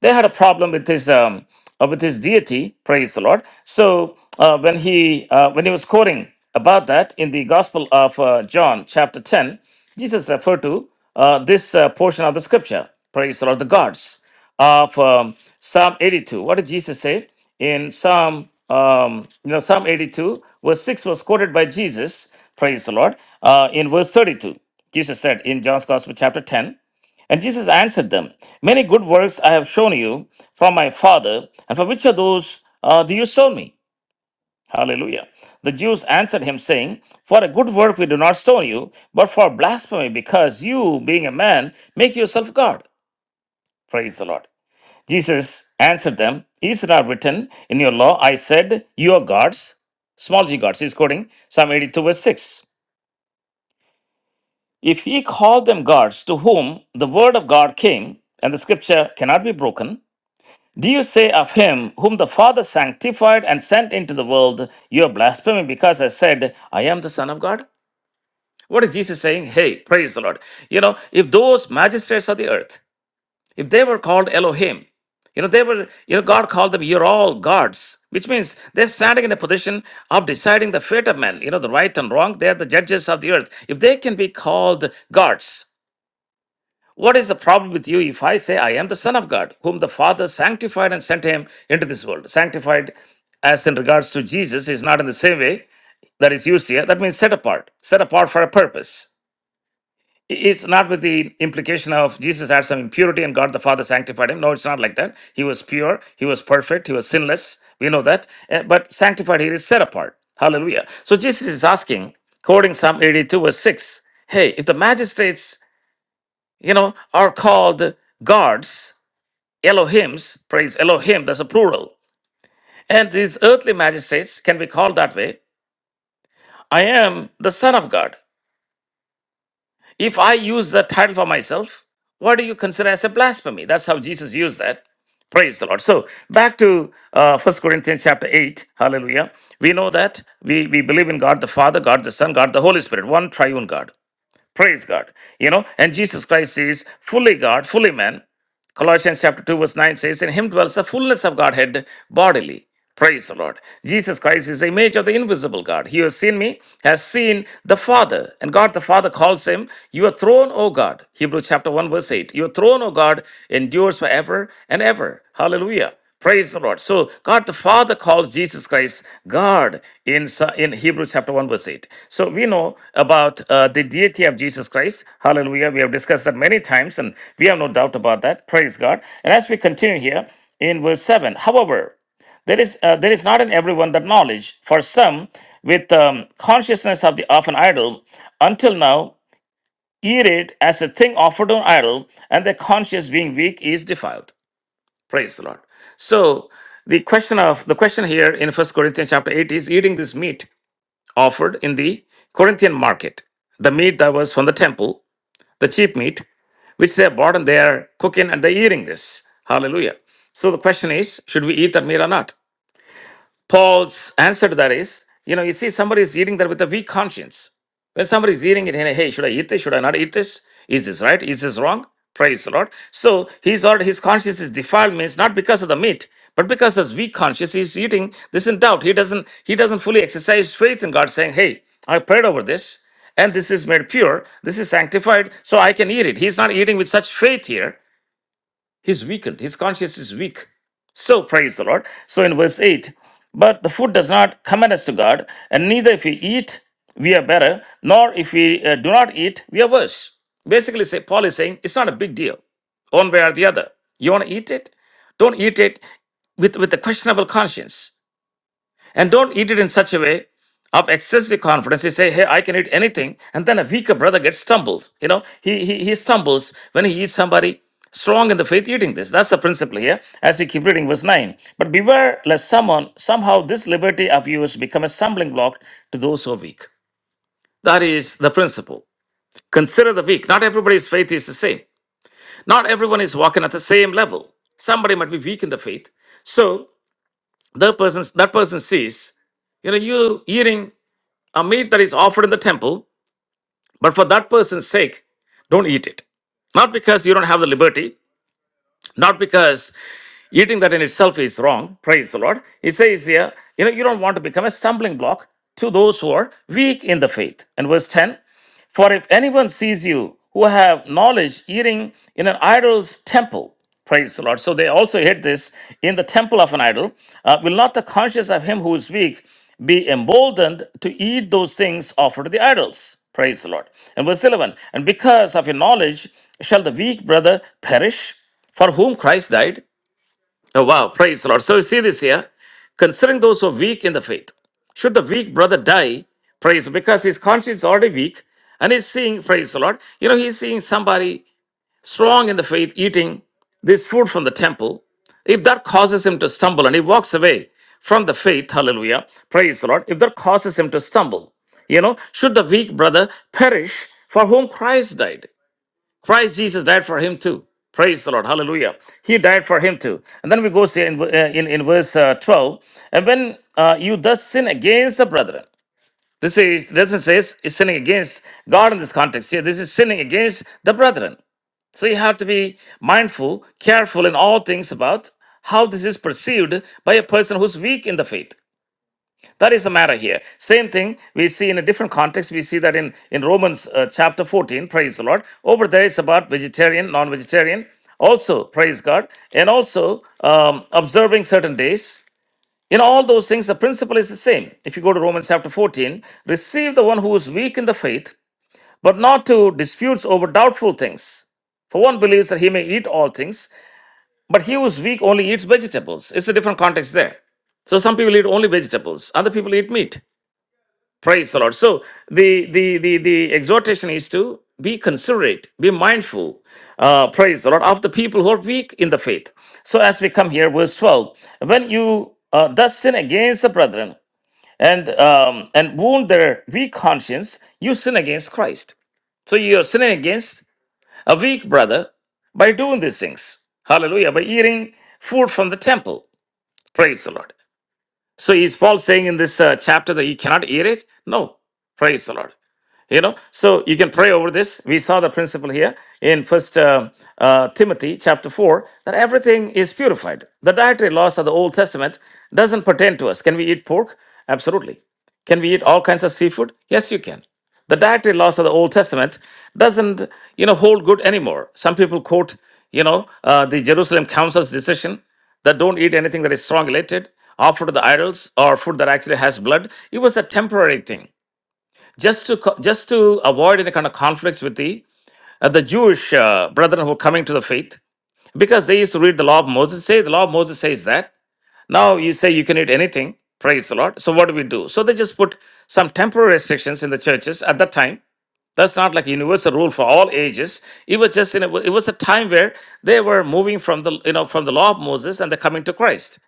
Speaker 1: they had a problem with his um, uh, with his deity. Praise the Lord. So uh, when he uh, when he was quoting about that in the Gospel of uh, John, chapter ten, Jesus referred to uh, this uh, portion of the scripture. Praise the Lord, the gods of um, Psalm 82. What did Jesus say in Psalm, um, you know, Psalm 82, verse 6 was quoted by Jesus, praise the Lord, uh, in verse 32. Jesus said in John's Gospel, chapter 10. And Jesus answered them, Many good works I have shown you from my Father, and for which of those uh, do you stone me? Hallelujah. The Jews answered him, saying, For a good work we do not stone you, but for blasphemy, because you, being a man, make yourself God. Praise the Lord. Jesus answered them, Is it not written in your law, I said, You are gods? Small g gods. He's quoting Psalm 82, verse 6. If he called them gods to whom the word of God came, and the scripture cannot be broken, Do you say of him whom the Father sanctified and sent into the world, you are blaspheming because I said, I am the Son of God? What is Jesus saying? Hey, praise the Lord. You know, if those magistrates of the earth, if they were called Elohim, you know, they were, you know, God called them, you're all gods, which means they're standing in a position of deciding the fate of men, you know, the right and wrong. They're the judges of the earth. If they can be called gods, what is the problem with you if I say I am the Son of God, whom the Father sanctified and sent him into this world? Sanctified, as in regards to Jesus, is not in the same way that is used here. That means set apart, set apart for a purpose. It's not with the implication of Jesus had some impurity and God the Father sanctified him. No, it's not like that. He was pure, he was perfect, he was sinless. We know that. Eh, But sanctified here is set apart. Hallelujah. So Jesus is asking, quoting Psalm 82, verse 6, hey, if the magistrates you know, are called gods, Elohims, praise Elohim, that's a plural. And these earthly magistrates can be called that way. I am the Son of God. If I use that title for myself, what do you consider as a blasphemy? That's how Jesus used that. Praise the Lord. So back to uh, 1 Corinthians chapter 8. Hallelujah. We know that we, we believe in God the Father, God the Son, God the Holy Spirit, one triune God. Praise God. You know, and Jesus Christ is fully God, fully man. Colossians chapter 2, verse 9 says, In him dwells the fullness of Godhead bodily. Praise the Lord. Jesus Christ is the image of the invisible God. He who has seen me has seen the Father. And God the Father calls him, Your throne, O God. Hebrews chapter 1, verse 8. Your throne, O God, endures forever and ever. Hallelujah. Praise the Lord. So God the Father calls Jesus Christ God in, Sa- in Hebrews chapter 1 verse 8. So we know about uh, the deity of Jesus Christ. Hallelujah. We have discussed that many times and we have no doubt about that. Praise God. And as we continue here in verse 7, however, there is uh, there is not in everyone that knowledge. For some, with um, consciousness of the of an idol, until now eat it as a thing offered on idol, and their conscience being weak is defiled. Praise the Lord. So the question of the question here in First Corinthians chapter 8 is eating this meat offered in the Corinthian market, the meat that was from the temple, the cheap meat, which they bought and they are cooking and they're eating this. Hallelujah. So the question is, should we eat that meat or not? Paul's answer to that is, you know, you see somebody is eating that with a weak conscience. When somebody is eating it, and hey, should I eat this? Should I not eat this? Is this right? Is this wrong? Praise the Lord. So he's already his conscience is defiled means not because of the meat, but because of his weak conscience he's eating this in doubt. He doesn't he doesn't fully exercise faith in God, saying, Hey, I prayed over this, and this is made pure, this is sanctified, so I can eat it. He's not eating with such faith here. He's weakened. His conscience is weak. So praise the Lord. So in verse 8, but the food does not commend us to God, and neither if we eat, we are better, nor if we uh, do not eat, we are worse. Basically, say, Paul is saying it's not a big deal, one way or the other. You want to eat it? Don't eat it with, with a questionable conscience. And don't eat it in such a way of excessive confidence. You say, hey, I can eat anything. And then a weaker brother gets stumbled. You know, he, he, he stumbles when he eats somebody strong in the faith eating this. That's the principle here as we keep reading verse 9. But beware lest someone, somehow this liberty of yours become a stumbling block to those who are weak. That is the principle. Consider the weak. Not everybody's faith is the same. Not everyone is walking at the same level. Somebody might be weak in the faith. So the person, that person sees you know, you eating a meat that is offered in the temple, but for that person's sake, don't eat it. Not because you don't have the liberty, not because Eating that in itself is wrong. Praise the Lord. It says here, you know, you don't want to become a stumbling block to those who are weak in the faith. And verse 10 For if anyone sees you who have knowledge eating in an idol's temple, praise the Lord. So they also hit this in the temple of an idol. Uh, will not the conscience of him who is weak be emboldened to eat those things offered to the idols? Praise the Lord. And verse 11 And because of your knowledge shall the weak brother perish for whom Christ died? Oh, wow, praise the Lord. So you see this here, considering those who are weak in the faith. Should the weak brother die, praise, because his conscience is already weak and he's seeing, praise the Lord, you know, he's seeing somebody strong in the faith eating this food from the temple. If that causes him to stumble and he walks away from the faith, hallelujah, praise the Lord, if that causes him to stumble, you know, should the weak brother perish for whom Christ died? Christ Jesus died for him too. Praise the Lord. Hallelujah. He died for him too. And then we go say in, uh, in, in verse uh, 12, and when uh, you thus sin against the brethren, this is doesn't say is sinning against God in this context. Here, this is sinning against the brethren. So you have to be mindful, careful in all things about how this is perceived by a person who's weak in the faith. That is the matter here. Same thing we see in a different context. We see that in, in Romans uh, chapter 14, praise the Lord. Over there, it's about vegetarian, non vegetarian, also, praise God, and also um, observing certain days. In all those things, the principle is the same. If you go to Romans chapter 14, receive the one who is weak in the faith, but not to disputes over doubtful things. For one believes that he may eat all things, but he who is weak only eats vegetables. It's a different context there. So some people eat only vegetables, other people eat meat. Praise the Lord. So the the the the exhortation is to be considerate, be mindful. Uh, praise the Lord of the people who are weak in the faith. So as we come here, verse twelve, when you uh, thus sin against the brethren and um, and wound their weak conscience, you sin against Christ. So you are sinning against a weak brother by doing these things. Hallelujah. By eating food from the temple. Praise the Lord. So is Paul saying in this uh, chapter that you cannot eat it? No. Praise the Lord you know so you can pray over this we saw the principle here in first uh, uh, timothy chapter 4 that everything is purified the dietary laws of the old testament doesn't pertain to us can we eat pork absolutely can we eat all kinds of seafood yes you can the dietary laws of the old testament doesn't you know hold good anymore some people quote you know uh, the jerusalem council's decision that don't eat anything that is strong related offered to the idols or food that actually has blood it was a temporary thing just to co- just to avoid any kind of conflicts with the uh, the Jewish uh, brethren who are coming to the faith, because they used to read the law of Moses. Say the law of Moses says that. Now you say you can eat anything. Praise the Lord. So what do we do? So they just put some temporary restrictions in the churches at that time. That's not like a universal rule for all ages. It was just in a, it was a time where they were moving from the you know from the law of Moses and they're coming to Christ.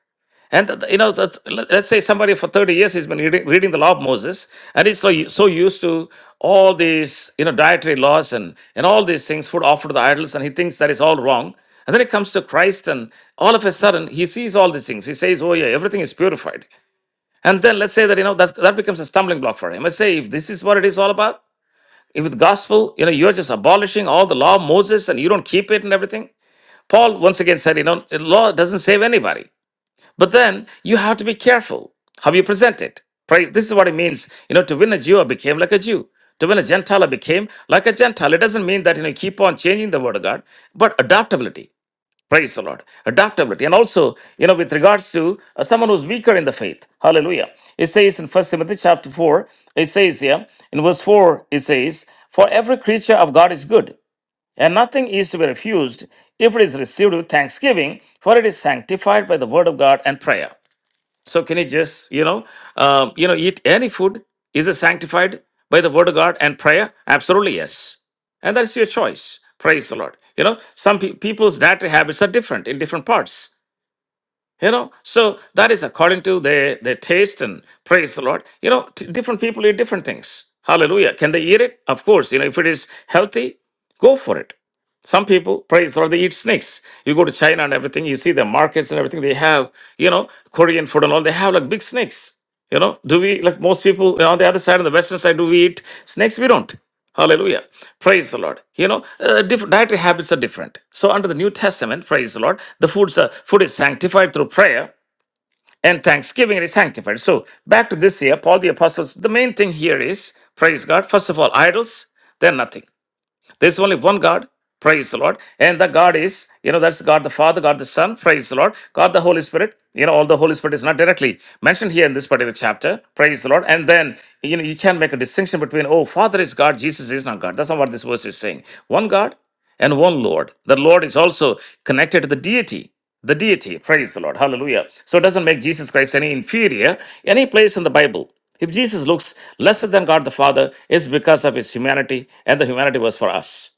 Speaker 1: And th- th- you know, that's- let- let's say somebody for thirty years he's been reading, reading the law of Moses, and he's so, u- so used to all these you know dietary laws and and all these things, food offered to the idols, and he thinks that is all wrong. And then he comes to Christ, and all of a sudden he sees all these things. He says, "Oh yeah, everything is purified." And then let's say that you know that's, that becomes a stumbling block for him. I say, if this is what it is all about, if with gospel, you know, you're just abolishing all the law of Moses and you don't keep it and everything. Paul once again said, you know, law doesn't save anybody. But then you have to be careful how you present it. Pray. This is what it means. You know, to win a Jew, I became like a Jew. To win a Gentile, I became like a Gentile. It doesn't mean that you know keep on changing the word of God, but adaptability. Praise the Lord. Adaptability. And also, you know, with regards to uh, someone who's weaker in the faith. Hallelujah. It says in First Timothy chapter 4, it says here, in verse 4, it says, For every creature of God is good, and nothing is to be refused if it is received with thanksgiving, for it is sanctified by the word of God and prayer. So can you just, you know, um, you know, eat any food? Is it sanctified by the word of God and prayer? Absolutely yes. And that's your choice. Praise the Lord. You know, some pe- people's dietary habits are different in different parts. You know, so that is according to their their taste and praise the Lord. You know, t- different people eat different things. Hallelujah. Can they eat it? Of course. You know, if it is healthy, go for it. Some people, praise the Lord, they eat snakes. You go to China and everything, you see the markets and everything, they have, you know, Korean food and all, they have like big snakes. You know, do we, like most people you know, on the other side, on the western side, do we eat snakes? We don't. Hallelujah. Praise the Lord. You know, uh, different dietary habits are different. So under the New Testament, praise the Lord, the food's, uh, food is sanctified through prayer and thanksgiving. It is sanctified. So back to this here, Paul the Apostles, the main thing here is, praise God, first of all, idols, then nothing. There's only one God. Praise the Lord. And the God is, you know, that's God the Father, God the Son. Praise the Lord. God the Holy Spirit. You know, all the Holy Spirit is not directly mentioned here in this particular chapter. Praise the Lord. And then, you know, you can make a distinction between, oh, Father is God, Jesus is not God. That's not what this verse is saying. One God and one Lord. The Lord is also connected to the deity. The deity, praise the Lord, hallelujah. So it doesn't make Jesus Christ any inferior, any place in the Bible. If Jesus looks lesser than God the Father, it's because of his humanity, and the humanity was for us.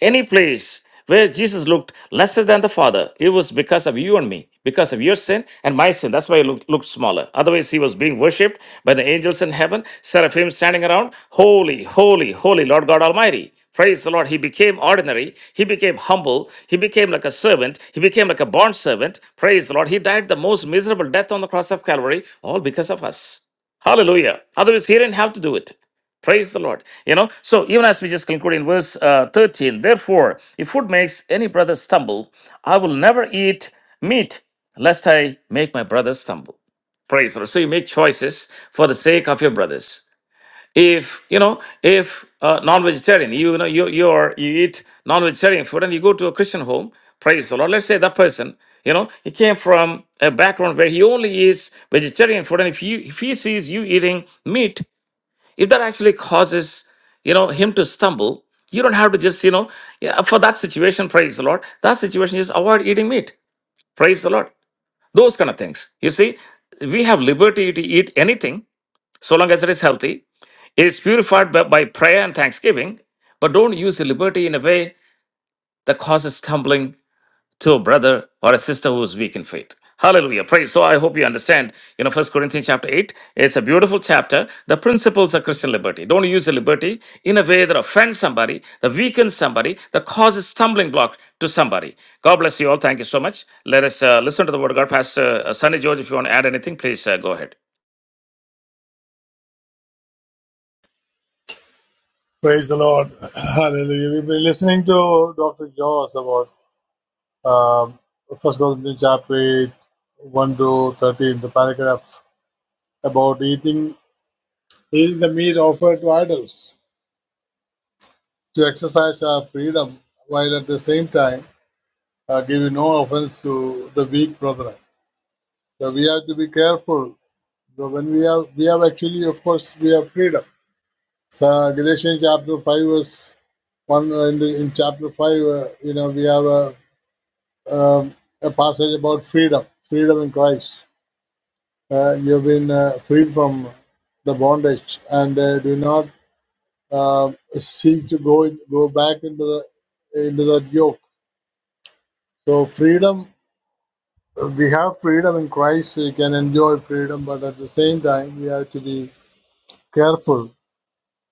Speaker 1: Any place where Jesus looked lesser than the Father, it was because of you and me, because of your sin and my sin. That's why he looked, looked smaller. Otherwise, he was being worshipped by the angels in heaven, seraphim standing around. Holy, holy, holy Lord God Almighty. Praise the Lord. He became ordinary. He became humble. He became like a servant. He became like a bond servant. Praise the Lord. He died the most miserable death on the cross of Calvary, all because of us. Hallelujah. Otherwise, he didn't have to do it. Praise the Lord. You know, so even as we just conclude in verse uh, 13, therefore, if food makes any brother stumble, I will never eat meat lest I make my brother stumble. Praise the Lord. So you make choices for the sake of your brothers. If you know, if uh, non-vegetarian, you know, you you are you eat non-vegetarian food and you go to a Christian home, praise the Lord. Let's say that person, you know, he came from a background where he only eats vegetarian food, and if you if he sees you eating meat, if that actually causes you know him to stumble you don't have to just you know yeah, for that situation praise the lord that situation is avoid eating meat praise the lord those kind of things you see we have liberty to eat anything so long as it is healthy it is purified by, by prayer and thanksgiving but don't use the liberty in a way that causes stumbling to a brother or a sister who is weak in faith. Hallelujah. Praise. So I hope you understand, you know, First Corinthians chapter 8, is a beautiful chapter. The principles of Christian liberty. Don't use the liberty in a way that offends somebody, that weakens somebody, that causes stumbling block to somebody. God bless you all. Thank you so much. Let us uh, listen to the word of God. Pastor uh, Sonny George, if you want to add anything, please uh, go ahead.
Speaker 3: Praise the Lord. Hallelujah. We've been listening to Dr. Joss about um, First Corinthians chapter 8, 1 to 13, the paragraph about eating, eating the meat offered to idols to exercise our freedom while at the same time uh, giving no offense to the weak brethren. So we have to be careful. So when we have, we have actually, of course, we have freedom. So Galatians chapter 5 verse 1 uh, in, the, in chapter 5, uh, you know, we have a um, a passage about freedom, freedom in Christ. Uh, you've been uh, freed from the bondage, and uh, do not uh, seek to go in, go back into the into that yoke. So freedom, we have freedom in Christ. We can enjoy freedom, but at the same time, we have to be careful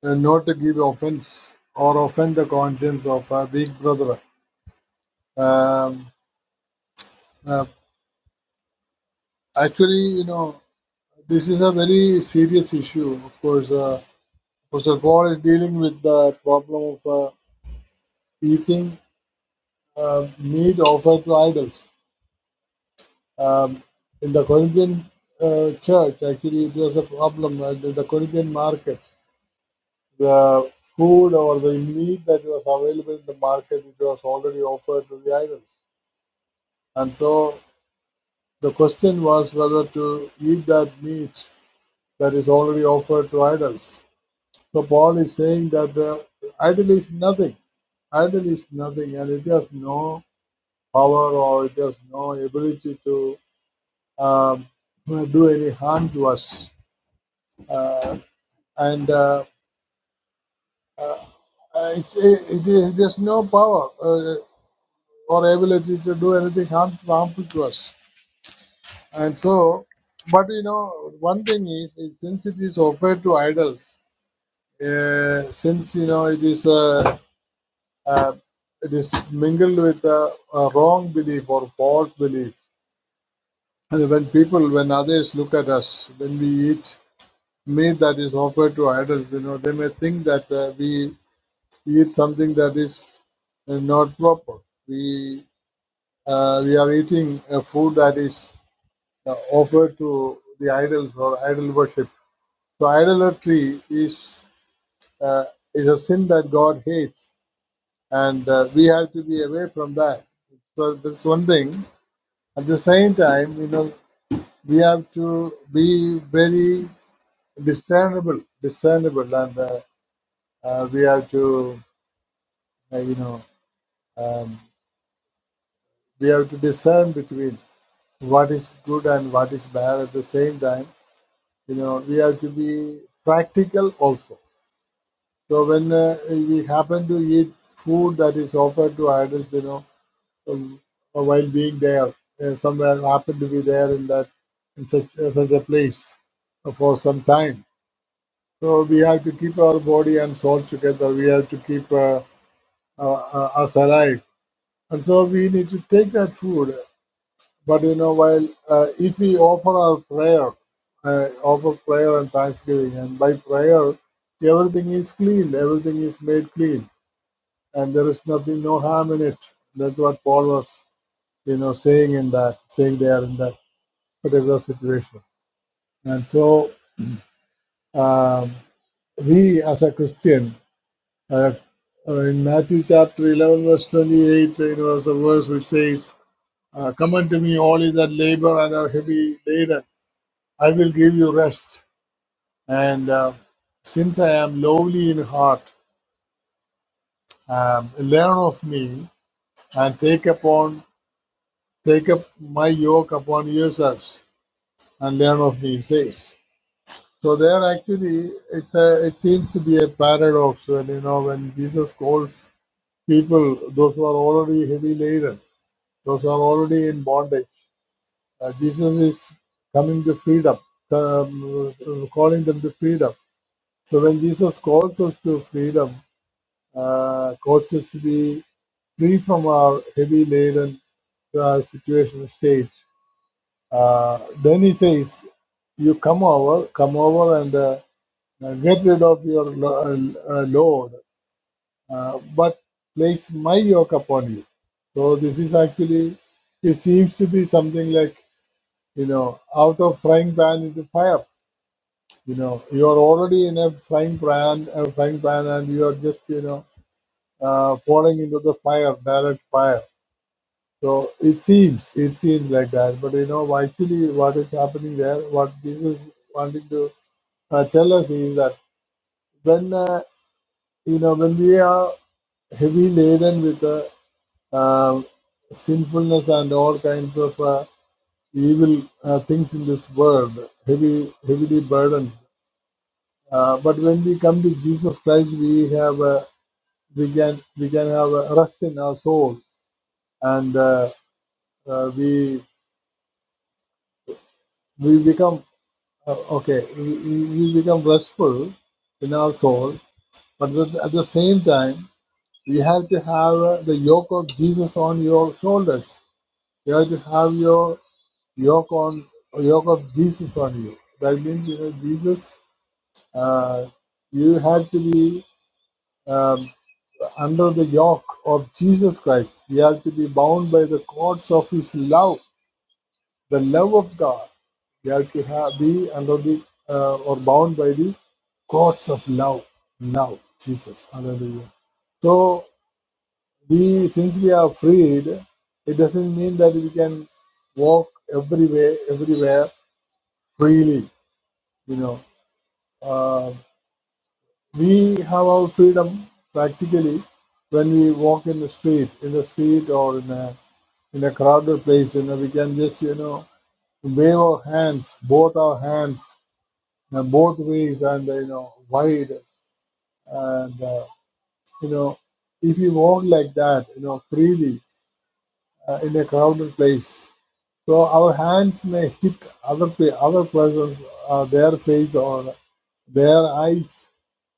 Speaker 3: uh, not to give offense or offend the conscience of our big brother. Um, uh, actually, you know, this is a very serious issue. Of course. Uh, Mr. Paul is dealing with the problem of uh, eating uh, meat offered to idols. Um, in the Corinthian uh, church, actually, it was a problem uh, in the Corinthian markets, The food or the meat that was available in the market, it was already offered to the idols. And so the question was whether to eat that meat that is already offered to idols. So Paul is saying that the idol is nothing. Idol is nothing and it has no power or it has no ability to um, do any harm to us. Uh, and uh, uh, it's, it, it, it has no power uh, or ability to do anything harm, harmful to us. And so, but you know, one thing is, is since it is offered to idols, uh, since you know it is uh, uh, it is mingled with a, a wrong belief or false belief. And when people, when others look at us, when we eat meat that is offered to idols. You know, they may think that uh, we eat something that is uh, not proper. We uh, we are eating a food that is uh, offered to the idols or idol worship. So idolatry is uh, is a sin that God hates, and uh, we have to be away from that. So that's one thing. At the same time, you know, we have to be very discernible, discernible, and uh, uh, we have to uh, you know, um, we have to discern between what is good and what is bad at the same time. You know, we have to be practical also. So when uh, we happen to eat food that is offered to idols, you know, um, while being there, uh, somewhere happen to be there in that in such uh, such a place for some time. So we have to keep our body and soul together. We have to keep uh, uh, uh, us alive. And so we need to take that food But you know, while uh, if we offer our prayer, uh, offer prayer and thanksgiving, and by prayer, everything is clean, everything is made clean, and there is nothing, no harm in it. That's what Paul was, you know, saying in that, saying there in that particular situation. And so, um, we as a Christian, uh, uh, in Matthew chapter 11, verse 28, you know, is a verse which says, uh, Come unto me, all ye that labor and are heavy laden, I will give you rest And uh, since I am lowly in heart, um, learn of me and take upon take up my yoke upon yourselves and learn of me, he says. So there actually it's a it seems to be a paradox when you know when Jesus calls people those who are already heavy laden, those who are already in bondage. Uh, Jesus is coming to freedom, um, calling them to freedom. So when Jesus calls us to freedom, uh, caused to be free from our heavy laden uh, situation state. Uh, then he says, you come over, come over and uh, uh, get rid of your lo- uh, uh, load, uh, but place my yoke upon you. So this is actually, it seems to be something like, you know, out of frying pan into fire. You know, you are already in a frying pan, a frying pan, and you are just, you know, uh, falling into the fire, direct fire. So it seems, it seems like that. But you know, why- actually, what is happening there, what Jesus is wanting to uh, tell us is that when, uh, you know, when we are heavy laden with uh, um sinfulness and all kinds of uh, evil uh, things in this world, heavy, heavily burdened. Uh, but when we come to Jesus Christ, we have uh, we can we can have a rest in our soul, and uh, uh, we we become Uh, okay, we, we we become restful in our soul, but at the, at the same time, you have to have uh, the yoke of Jesus on your shoulders. You have to have your yoke on yoke of Jesus on you. That means you know Jesus. Uh, you have to be um, under the yoke of Jesus Christ. You have to be bound by the cords of His love the love of God. We have to have, be under the uh, or bound by the cords of love. Love, Jesus, Hallelujah. So we, since we are freed, it doesn't mean that we can walk everywhere, everywhere freely. You know, uh, we have our freedom practically when we walk in the street, in the street or in a in a crowded place. You know, we can just you know wave our hands, both our hands uh, both ways and uh, you know wide and uh, you know if you walk like that you know freely uh, in a crowded place so our hands may hit other pe- other persons uh, their face or their eyes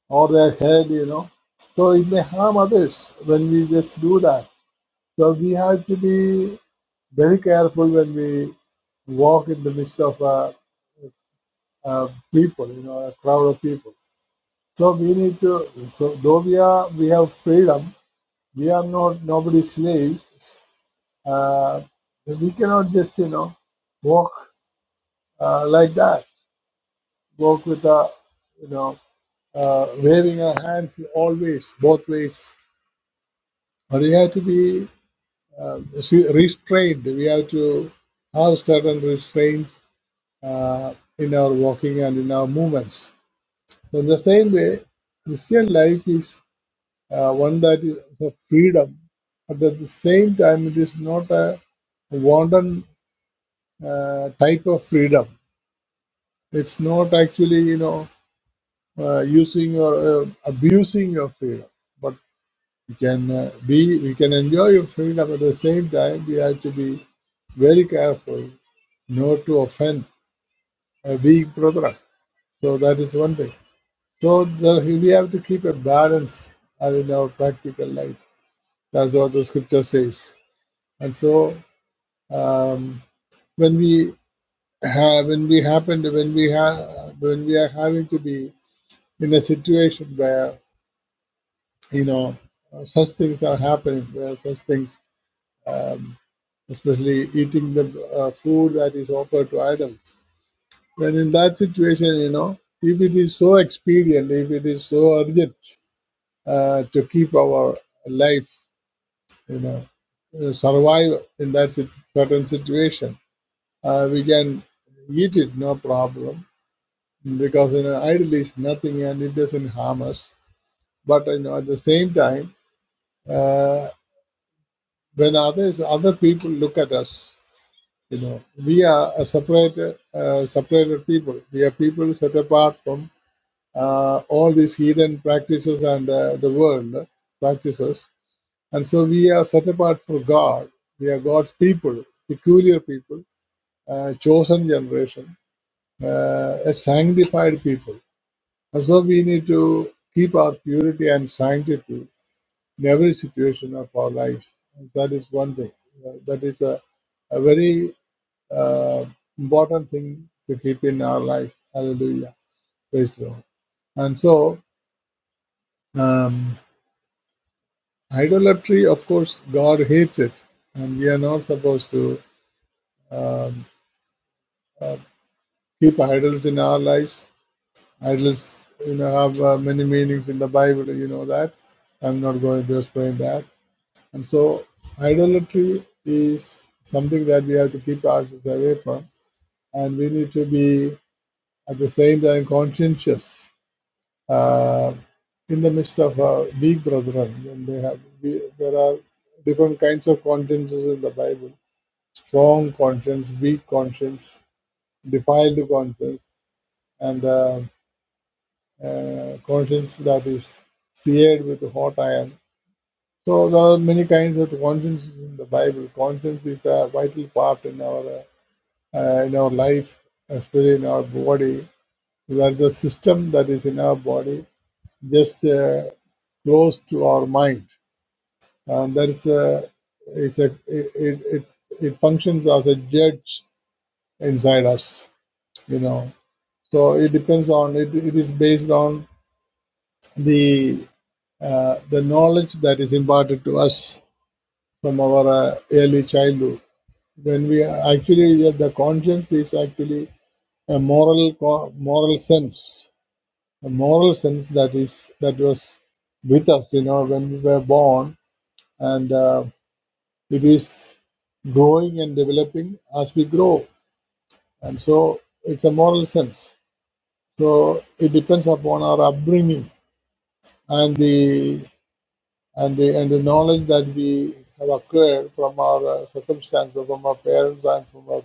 Speaker 3: or their head you know so it may harm others when we just do that so we have to be very careful when we walk in the midst of uh, uh, people you know a crowd of people So we need to, so though we are, we have freedom, we are not nobody's slaves. Uh, we cannot just, you know, walk uh, like that, walk with a, you know, uh, waving our hands always, both ways. But we have to be uh, see- restrained. We have to have certain restraints uh, in our walking and in our movements. So in the same way, Christian life is uh, one that is a freedom, but at the same time, it is not a wanton uh, type of freedom. It's not actually, you know, uh, using or uh, abusing your freedom, but we can uh, be, we can enjoy your freedom. At the same time, we have to be very careful not to offend a weak brother. So that is one thing. So the, we have to keep a balance uh, in our practical life. That's what the scripture says. And so um, when we have when we happen to when we have when we are having to be in a situation where you know uh, such things are happening where such things um, especially eating the uh, food that is offered to idols when in that situation you know if it is so expedient if it is so urgent uh, to keep our life you know uh, survive in that sit- certain situation uh, we can eat it no problem because you know idle is nothing and it doesn't harm us but you know at the same time uh, when others other people look at us you know we are a separated uh, separated people we are people set apart from uh, all these heathen practices and uh, the world practices and so we are set apart for god we are god's people peculiar people uh, chosen generation uh, a sanctified people And so we need to keep our purity and sanctity in every situation of our lives. That is one thing. Uh, That is a, a very uh, important thing to keep in our life. Hallelujah. Praise the Lord. And so, um, idolatry, of course, God hates it. And we are not supposed to um, uh, keep idols in our lives. Idols, you know, have uh, many meanings in the Bible. You know that. I'm not going to explain that And so, idolatry is something that we have to keep ourselves away from, and we need to be at the same time conscientious uh, in the midst of our weak brethren. And they have we, there are different kinds of consciences in the Bible: strong conscience, weak conscience, defiled conscience, and uh, uh, conscience that is seared with hot iron So there are many kinds of consciences in the Bible. Conscience is a vital part in our uh, in our life, especially in our body. There is a system that is in our body, just uh, close to our mind, and there is a it's a it, it it's, it functions as a judge inside us. You know, so it depends on it. It is based on the uh, the knowledge that is imparted to us from our uh, early childhood when we are actually uh, the conscience is actually a moral co- moral sense a moral sense that is that was with us you know when we were born and uh, it is growing and developing as we grow and so it's a moral sense so it depends upon our upbringing and the and the and the knowledge that we have acquired from our uh, circumstances from our parents and from our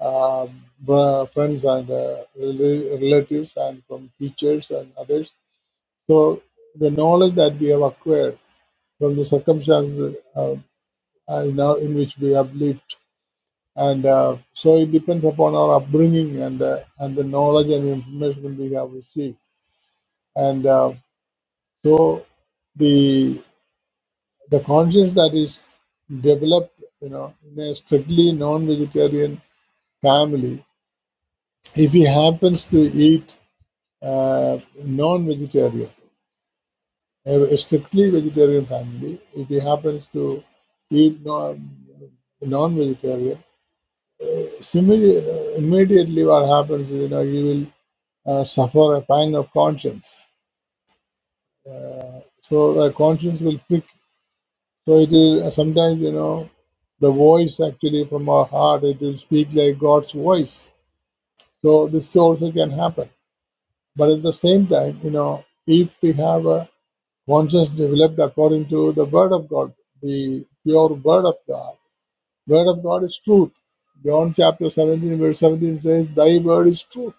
Speaker 3: uh, bro- friends and uh, rela- relatives and from teachers and others. So the knowledge that we have acquired from the circumstances uh, uh, in, in which we have lived, and uh, so it depends upon our upbringing and uh, and the knowledge and information we have received, and uh, so the the conscience that is developed, you know, in a strictly non-vegetarian family, if he happens to eat uh, non-vegetarian, a strictly vegetarian family, if he happens to eat no, non-vegetarian, similarly, uh, immediately what happens is, you know, he will uh, suffer a pang of conscience. So the conscience will prick. So it is will sometimes, you know, the voice actually from our heart, it will speak like God's voice. So this also can happen. But at the same time, you know, if we have a Conscience developed according to the Word of God, the pure Word of God. Word of God is truth. John chapter 17, verse 17 says, Thy word is truth.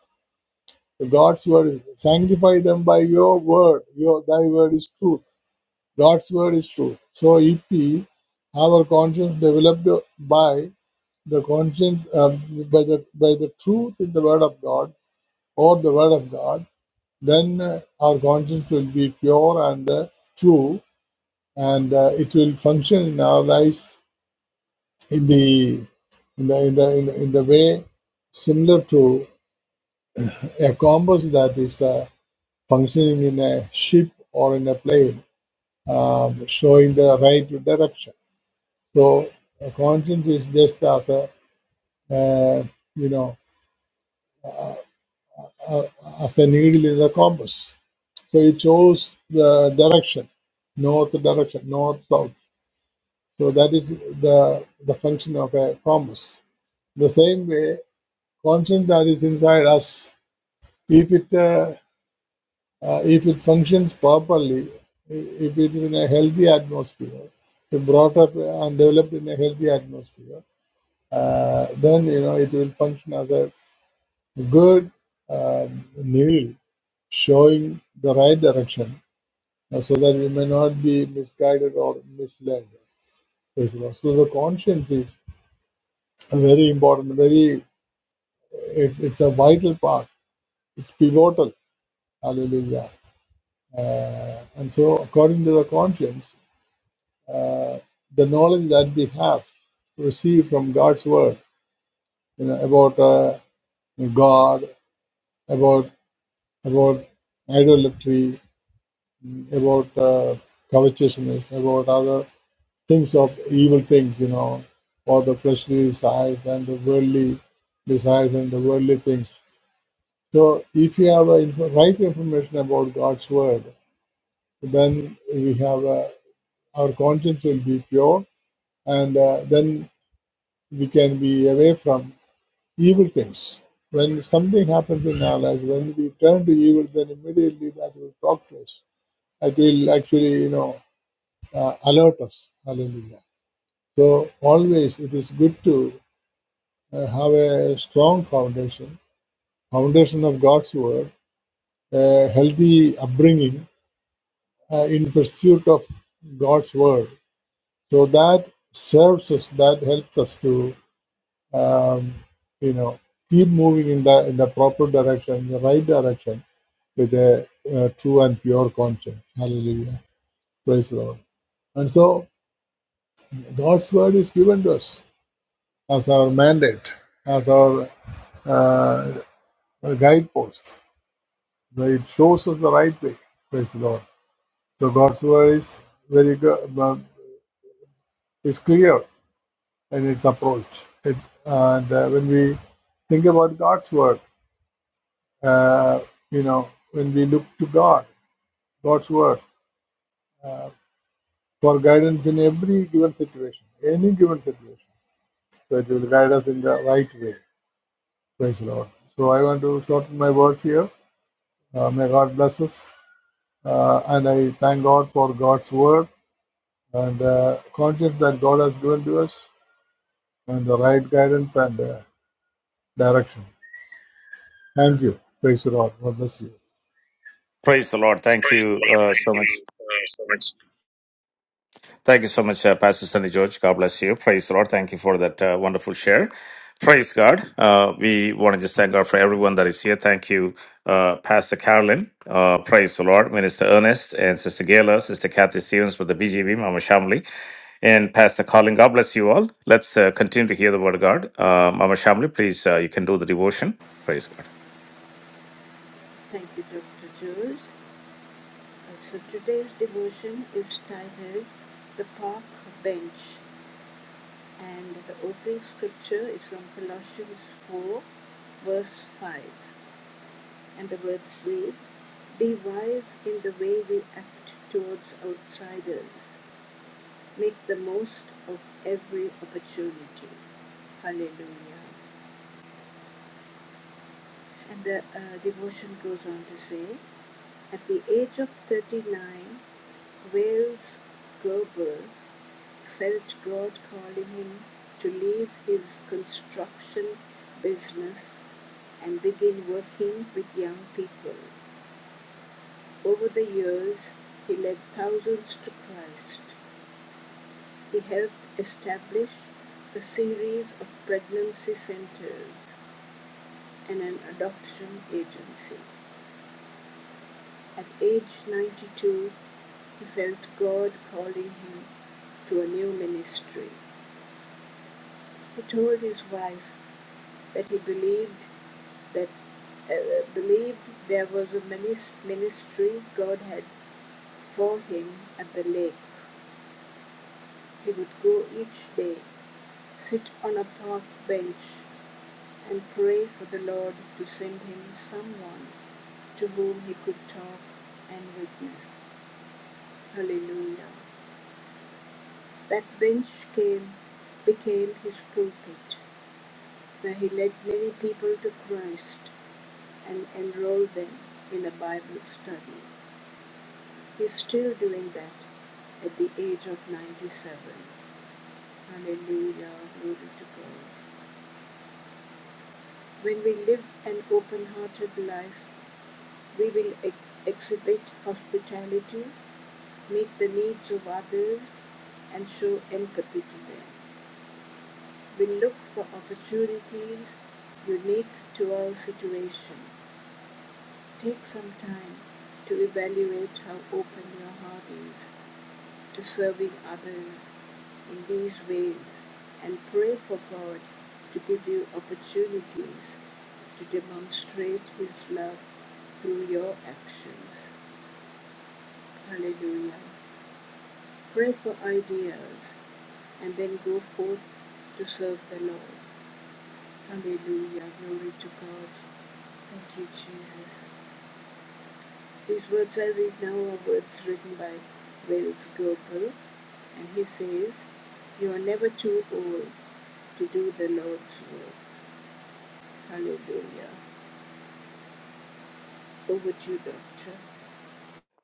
Speaker 3: So God's word is sanctify them by your word. Your thy word is truth. God's word is truth. So if we have our conscience developed by the conscience uh, by the by the truth in the word of God or the word of God, then uh, our conscience will be pure and uh, true and uh, it will function in our lives in the in the in the in the, in the way similar to a compass that is uh, functioning in a ship or in a plane, um, showing the right direction. So a conscience is just as a uh, you know uh, as a needle in the compass. So it shows the direction, north direction, north south. So that is the the function of a compass. The same way conscience that is inside us, if it uh, uh, if it functions properly, if it is in a healthy atmosphere, if brought up and developed in a healthy atmosphere, uh, then you know it will function as a good um, needle showing the right direction, uh, so that we may not be misguided or misled. So the conscience is very important, very it's, it's a vital part. It's pivotal. Hallelujah Uh, and so, according to the conscience, uh, the knowledge that we have received from God's word, you know, about uh, God, about about idolatry, mm, about uh, covetousness, about other things of evil things, you know, or the fleshly desires and the worldly desires and the worldly things. So, if you have a info- right information about God's word, then we have a, our conscience will be pure and uh, then we can be away from evil things. When something happens in our lives, when we turn to evil, then immediately that will talk to us. That will actually, you know, uh, alert us. Hallelujah. So always it is good to uh, have a strong foundation, foundation of God's word, a healthy upbringing uh, in pursuit of God's word. So that serves us, that helps us to um, you know keep moving in the in the proper direction the right direction with a, uh true and pure conscience hallelujah praise the lord and so god's word is given to us as our mandate as our uh, guidepost it shows us the right way praise the lord so god's word is very good uh, is clear in its approach it, and uh, when we think about god's word uh, you know when we look to god God's word uh, for guidance in every given situation, any given situation. So it will guide us in the right way. Praise the Lord. So I want to shorten my words here. Uh, may God bless us. Uh, and I thank God for God's word and uh, conscience that God has given to us and the right guidance and uh, direction. Thank you. Praise the Lord. God bless you.
Speaker 1: Praise the Lord. Thank
Speaker 3: Praise the
Speaker 1: you,
Speaker 3: Lord.
Speaker 1: uh,
Speaker 3: Thank you uh, so much.
Speaker 1: Thank you so much, uh, Pastor Sunny George. God bless you. Praise the Lord. Thank you for that uh, wonderful share. Praise God. Uh, we want to just thank God for everyone that is here. Thank you, uh, Pastor Carolyn. Uh, praise the Lord. Minister Ernest and Sister Gayla, Sister Kathy Stevens with the BGV, Mama Shamli, and Pastor Colin. God bless you all. Let's uh, continue to hear the word of God. Uh, Mama Shamli, please, uh, you can do the devotion. Praise God.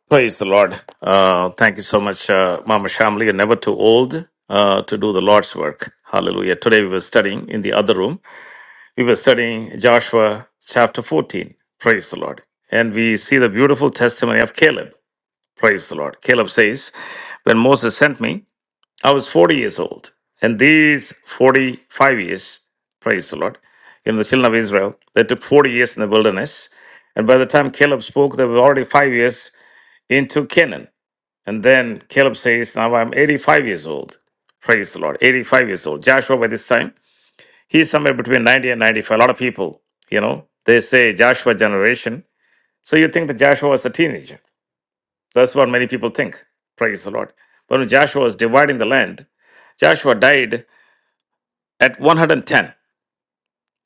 Speaker 1: Praise the Lord. Uh, thank you so much, uh, Mama Shamli. You're never too old uh, to do the Lord's work. Hallelujah. Today we were studying in the other room. We were studying Joshua chapter 14. Praise the Lord. And we see the beautiful testimony of Caleb. Praise the Lord. Caleb says, When Moses sent me, I was 40 years old. And these 45 years, praise the Lord, in the children of Israel, they took 40 years in the wilderness. And by the time Caleb spoke, they were already five years into Canaan. And then Caleb says, Now I'm 85 years old. Praise the Lord. 85 years old. Joshua, by this time, he's somewhere between 90 and 95. A lot of people, you know, they say Joshua generation. So you think that Joshua was a teenager. That's what many people think. Praise the Lord. But when Joshua was dividing the land, Joshua died at 110.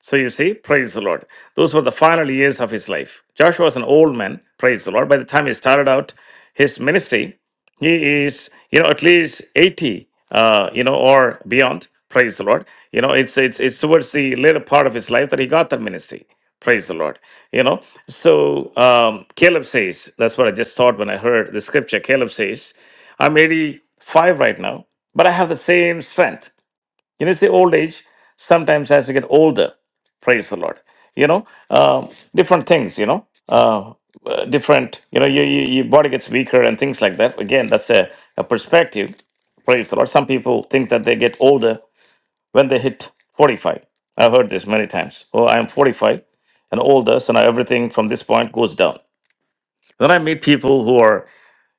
Speaker 1: So you see, praise the Lord. Those were the final years of his life. Joshua was an old man, praise the Lord. By the time he started out his ministry, he is, you know, at least 80, uh, you know, or beyond, praise the Lord. You know, it's it's it's towards the later part of his life that he got that ministry. Praise the Lord. You know, so um, Caleb says, that's what I just thought when I heard the scripture. Caleb says, I'm 85 right now, but I have the same strength you know, see, old age sometimes as you get older, praise the Lord. You know, um, different things. You know, uh, uh, different. You know, your, your your body gets weaker and things like that. Again, that's a, a perspective. Praise the Lord. Some people think that they get older when they hit forty-five. I've heard this many times. Oh, I am forty-five and older, so now everything from this point goes down. Then I meet people who are,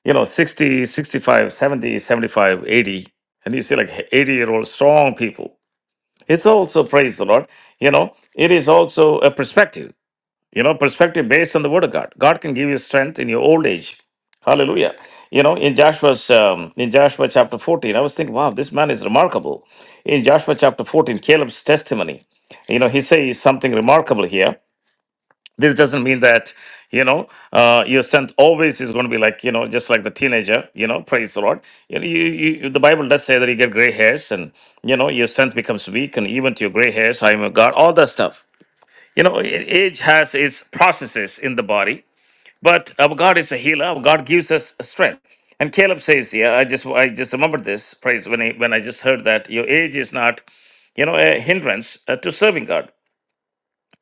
Speaker 1: you know, 60, 65, 70, 75, 80, and you see like 80 year old strong people it's also, praise the Lord, you know, it is also a perspective, you know, perspective based on the word of God. God can give you strength in your old age. Hallelujah. You know, in Joshua's, um, in Joshua chapter 14, I was thinking, wow, this man is remarkable. In Joshua chapter 14, Caleb's testimony, you know, he says something remarkable here this doesn't mean that you know uh, your strength always is going to be like you know just like the teenager you know praise the lord you know you, you the bible does say that you get gray hairs and you know your strength becomes weak and even to your gray hairs i am a god all that stuff you know a- age has its processes in the body but our god is a healer our god gives us strength and caleb says yeah i just i just remembered this praise when i when i just heard that your age is not you know a hindrance uh, to serving god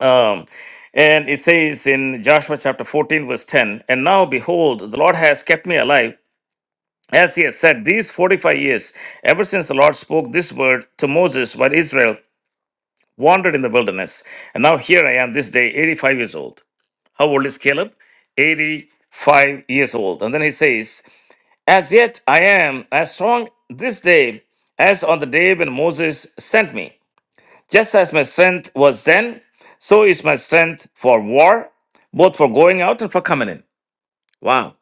Speaker 1: um, and it says in Joshua chapter 14, verse 10 And now behold, the Lord has kept me alive, as he has said, these 45 years, ever since the Lord spoke this word to Moses while Israel wandered in the wilderness. And now here I am this day, 85 years old. How old is Caleb? 85 years old. And then he says, As yet I am as strong this day as on the day when Moses sent me. Just as my strength was then, so is my strength for war, both for going out and for coming in. Wow.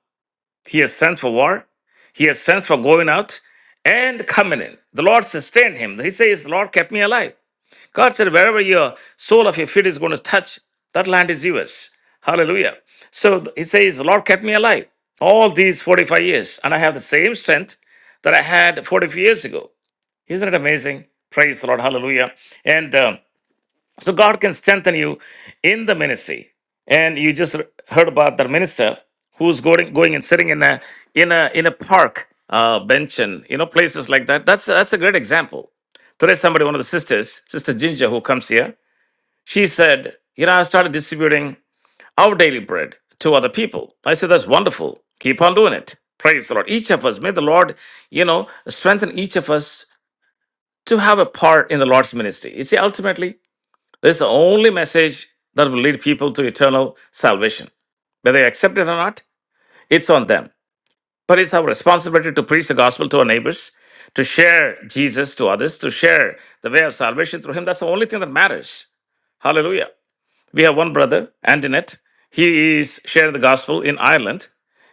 Speaker 1: He has strength for war. He has strength for going out and coming in. The Lord sustained him. He says, The Lord kept me alive. God said, Wherever your sole of your feet is going to touch, that land is yours. Hallelujah. So he says, The Lord kept me alive all these 45 years, and I have the same strength that I had 45 years ago. Isn't it amazing? Praise the Lord. Hallelujah. And um, so God can strengthen you in the ministry. And you just heard about the minister who's going going and sitting in a in a in a park uh, bench and you know places like that. That's that's a great example. Today, somebody, one of the sisters, Sister Ginger, who comes here, she said, "You know, I started distributing our daily bread to other people." I said, "That's wonderful. Keep on doing it. Praise the Lord. Each of us, may the Lord, you know, strengthen each of us to have a part in the Lord's ministry. You see, ultimately." This is the only message that will lead people to eternal salvation. Whether they accept it or not, it's on them. But it's our responsibility to preach the gospel to our neighbors, to share Jesus to others, to share the way of salvation through Him. That's the only thing that matters. Hallelujah. We have one brother, Antoinette. He is sharing the gospel in Ireland.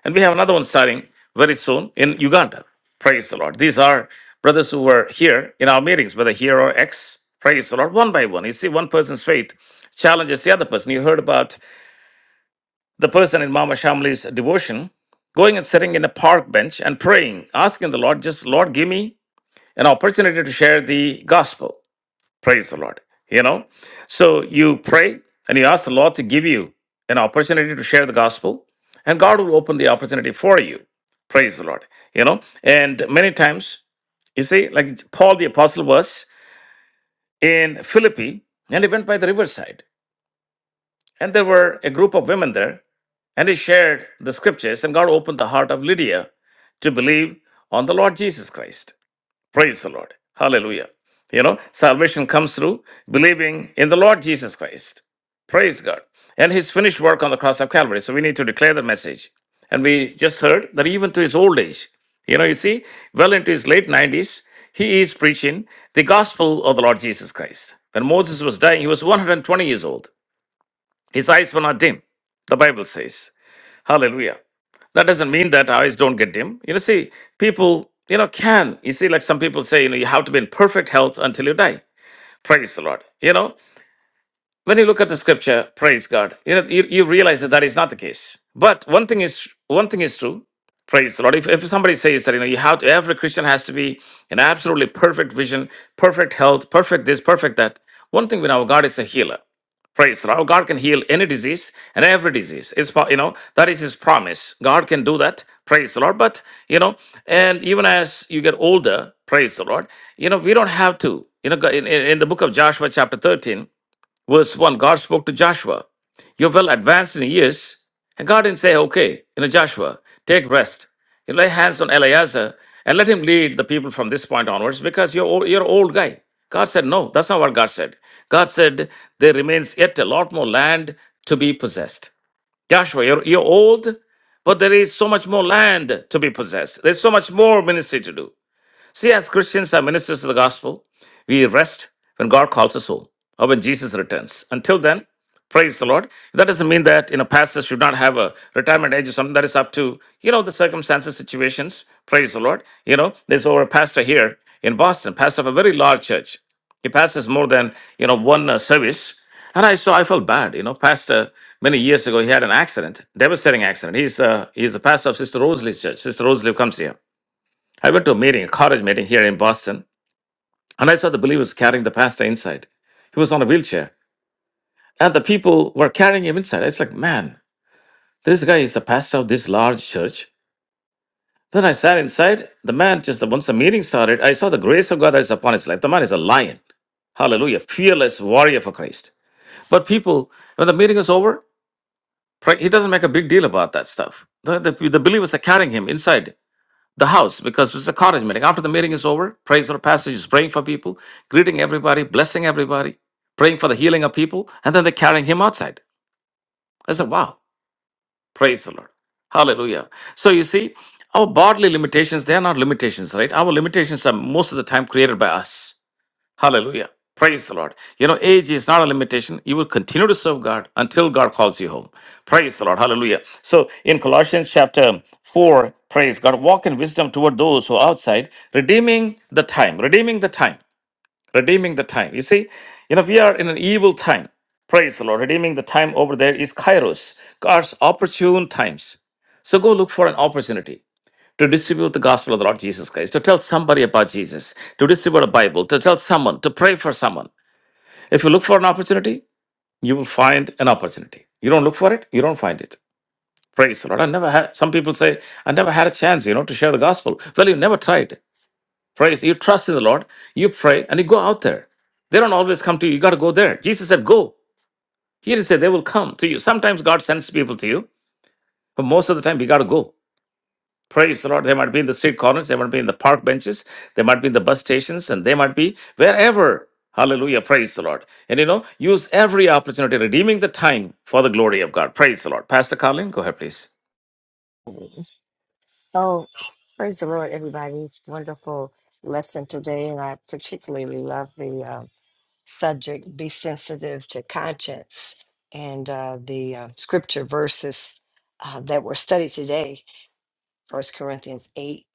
Speaker 1: And we have another one starting very soon in Uganda. Praise the Lord. These are brothers who were here in our meetings, whether here or ex. Praise the Lord. One by one. You see, one person's faith challenges the other person. You heard about the person in Mama Shamli's devotion going and sitting in a park bench and praying, asking the Lord, just Lord, give me an opportunity to share the gospel. Praise the Lord. You know, so you pray and you ask the Lord to give you an opportunity to share the gospel, and God will open the opportunity for you. Praise the Lord. You know, and many times, you see, like Paul the Apostle was in Philippi and he went by the riverside, and there were a group of women there, and he shared the scriptures, and God opened the heart of Lydia to believe on the Lord Jesus Christ. Praise the Lord. Hallelujah. You know, salvation comes through believing in the Lord Jesus Christ. Praise God. And his finished work on the cross of Calvary. So we need to declare the message. And we just heard that even to his old age, you know, you see, well into his late 90s, he is preaching the gospel of the Lord Jesus Christ. When Moses was dying, he was 120 years old. His eyes were not dim, the Bible says. Hallelujah. That doesn't mean that eyes don't get dim. You know, see, people, you know, can. You see, like some people say, you know, you have to be in perfect health until you die. Praise the Lord. You know, when you look at the scripture praise god you know you, you realize that that is not the case but one thing is one thing is true praise the lord if, if somebody says that you know you have to every christian has to be in absolutely perfect vision perfect health perfect this perfect that one thing we know god is a healer praise the lord god can heal any disease and every disease is you know that is his promise god can do that praise the lord but you know and even as you get older praise the lord you know we don't have to you know in, in in the book of joshua chapter 13 Verse 1 God spoke to Joshua, You're well advanced in years. And God didn't say, Okay, you know, Joshua, take rest. You lay hands on Eleazar and let him lead the people from this point onwards because you're, old, you're an old guy. God said, No, that's not what God said. God said, There remains yet a lot more land to be possessed. Joshua, you're, you're old, but there is so much more land to be possessed. There's so much more ministry to do. See, as Christians, are ministers of the gospel, we rest when God calls us home or when Jesus returns. Until then, praise the Lord. That doesn't mean that you know pastors should not have a retirement age or something that is up to you know the circumstances, situations. Praise the Lord. You know, there's over a pastor here in Boston, pastor of a very large church. He passes more than you know one uh, service. And I saw, I felt bad, you know. Pastor, many years ago, he had an accident, devastating accident. He's uh, he's a pastor of Sister Rosalie's church. Sister Rosalie comes here. I went to a meeting, a college meeting here in Boston, and I saw the believers carrying the pastor inside. He was on a wheelchair, and the people were carrying him inside. It's like, man, this guy is the pastor of this large church. Then I sat inside. The man just once the meeting started, I saw the grace of God that is upon his life. The man is a lion. Hallelujah. Fearless warrior for Christ. But people, when the meeting is over, pray- he doesn't make a big deal about that stuff. The, the, the believers are carrying him inside. the house because it's a cottage meeting. After the meeting is over, praise or passage is praying for people, greeting everybody, blessing everybody, praying for the healing of people, and then they're carrying him outside. I said, wow, praise the Lord. Hallelujah. So you see, our bodily limitations, they are not limitations, right? Our limitations are most of the time created by us. Hallelujah. Praise the Lord. You know, age is not a limitation. You will continue to serve God until God calls you home. Praise the Lord. Hallelujah. So in Colossians chapter 4, praise God, walk in wisdom toward those who are outside, redeeming the time, redeeming the time, redeeming the time. You see, you know, we are in an evil time. Praise the Lord. Redeeming the time over there is kairos, God's opportune times. So go look for an opportunity to distribute the gospel of the Lord Jesus Christ, to tell somebody about Jesus, to distribute a Bible, to tell someone, to pray for someone. If you look for an opportunity, you will find an opportunity. You don't look for it, you don't find it. Praise the Lord. I never had, some people say, I never had a chance, you know, to share the gospel. Well, you never tried. Praise. You trust in the Lord, you pray, and you go out there. They don't always come to you. You got to go there. Jesus said, go. He didn't say they will come to you. Sometimes God sends people to you, but most of the time, you got to go. Praise the Lord. They might be in the street corners, they might be in the park benches, they might be in the bus stations, and they might be wherever. Hallelujah. Praise the Lord. And you know, use every opportunity, redeeming the time for the glory of God. Praise the Lord. Pastor Carlin, go ahead, please.
Speaker 4: Oh, praise the Lord, everybody. It's a wonderful lesson today. And I particularly love the uh, subject be sensitive to conscience and uh, the uh, scripture verses uh, that were studied today First Corinthians 8,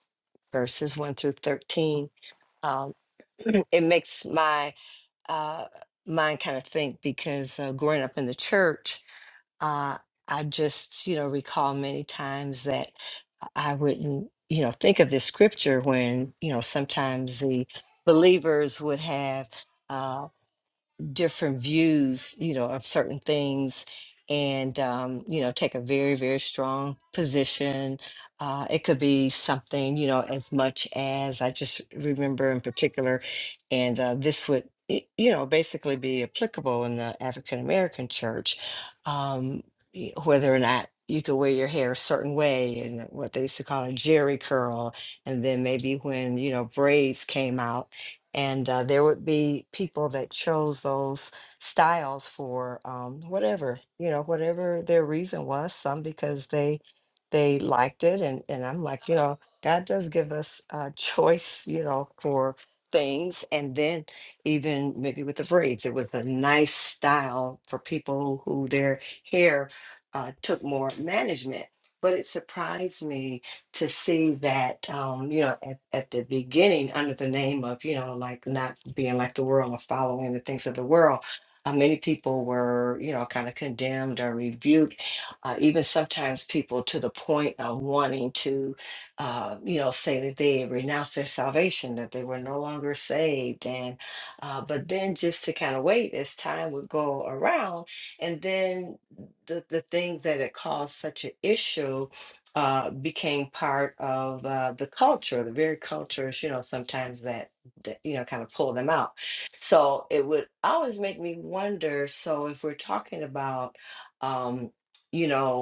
Speaker 4: verses 1 through 13. Um, it makes my uh, mind kind of think because uh, growing up in the church, Uh, I just, you know, recall many times that I wouldn't, you know, think of this scripture when, you know, sometimes the believers would have uh, different views, you know, of certain things and um, you know, take a very, very strong position. Uh, it could be something, you know, as much as I just remember in particular, and uh, this would, y- you know, basically be applicable in the African American church, um, y- whether or not you could wear your hair a certain way and what they used to call a jerry curl, and then maybe when you know braids came out and uh, there would be people that chose those styles for um, whatever you know whatever their reason was some because they they liked it and and i'm like you know god does give us a choice you know for things and then even maybe with the braids it was a nice style for people who their hair uh, took more management but it surprised me to see that um, you know at, at the beginning under the name of you know like not being like the world or following the things of the world uh, many people were you know kind of condemned or rebuked uh, even sometimes people to the point of wanting to uh, you know say that they renounced their salvation that they were no longer saved and uh, but then just to kind of wait as time would go around and then the, the things that had caused such an issue uh, became part of uh, the culture, the very cultures, you know, sometimes that, that, you know, kind of pull them out. So it would always make me wonder. So if we're talking about, um, you know,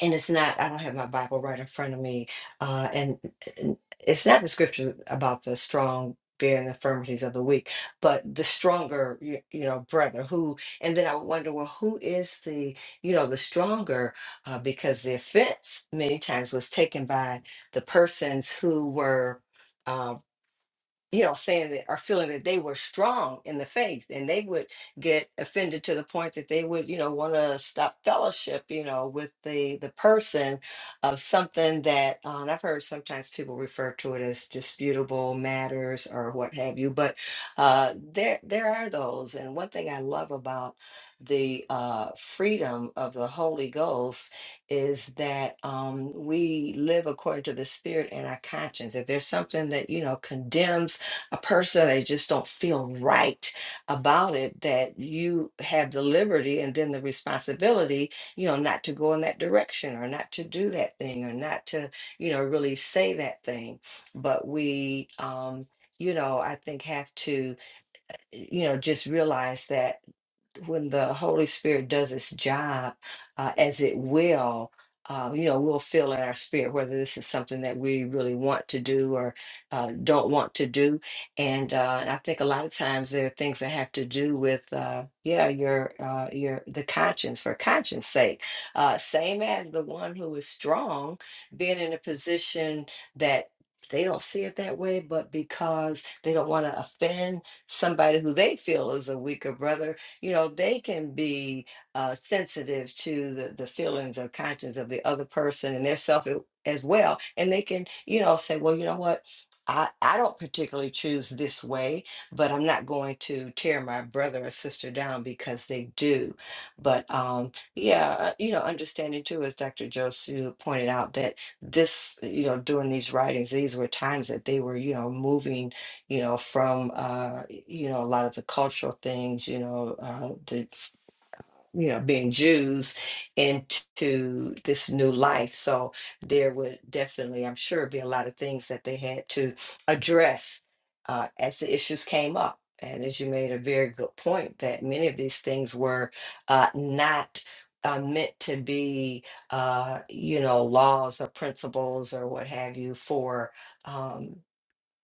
Speaker 4: and it's not i don't have my bible right in front of me uh and and it's not the scripture about the strong bearing the infirmities of the weak but the stronger you, you know brother who and then i would wonder well who is the you know the stronger uh, because the offense many times was taken by the persons who were uh, you know, saying that or feeling that they were strong in the faith and they would get offended to the point that they would, you know, want to stop fellowship, you know, with the the person of something that uh, and I've heard sometimes people refer to it as disputable matters or what have you, but uh, there there are those. And one thing I love about the uh, freedom of the Holy Ghost is that um, we live according to the Spirit and our conscience. If there's something that, you know, condemns a person they just don't feel right about it that you have the liberty and then the responsibility you know not to go in that direction or not to do that thing or not to you know really say that thing but we um you know i think have to you know just realize that when the Holy Spirit does its job, uh, as it will, uh, you know, we'll feel in our spirit whether this is something that we really want to do or uh, don't want to do. And, uh, I think a lot of times there are things that have to do with, uh, yeah, your uh, your the conscience for conscience sake. Uh, same as the one who is strong being in a position that. They don't see it that way, but because they don't want to offend somebody who they feel is a weaker brother, you know they can be uh, sensitive to the, the feelings or conscience of the other person and their self a- as well and they can you know say well you know what I, I don't particularly choose this way, but I'm not going to tear my brother or sister down because they do. But um, yeah, uh, you know, understanding too, as Dr. Josu pointed out, that this, you know, doing these writings, these were times that they were, you know, moving you know, from uh, you know a lot of the cultural things, you know, uh, the you know being Jews into this new life. So there would definitely, I'm sure, be a lot of things that they had to address uh, as the issues came up. And as you made a very good point, that many of these things were uh, not uh, meant to be, uh, you know, laws or principles or what have you for um,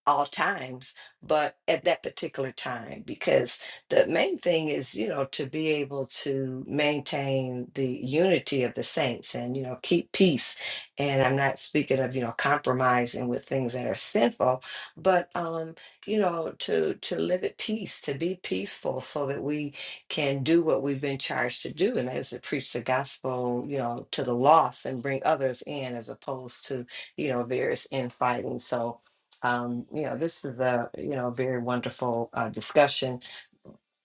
Speaker 4: all times, but at that particular time, because the main thing is, you know, to be able to maintain the unity of the saints and, you know, keep peace. And I'm not speaking of, you know, compromising with things that are sinful, but, um, you know, to, to live at peace, to be peaceful so that we can do what we've been charged to do. And that is to preach the gospel, you know, to the lost and bring others in as opposed to, you know, various infighting. So, um, you know, this is a you know very wonderful uh, discussion.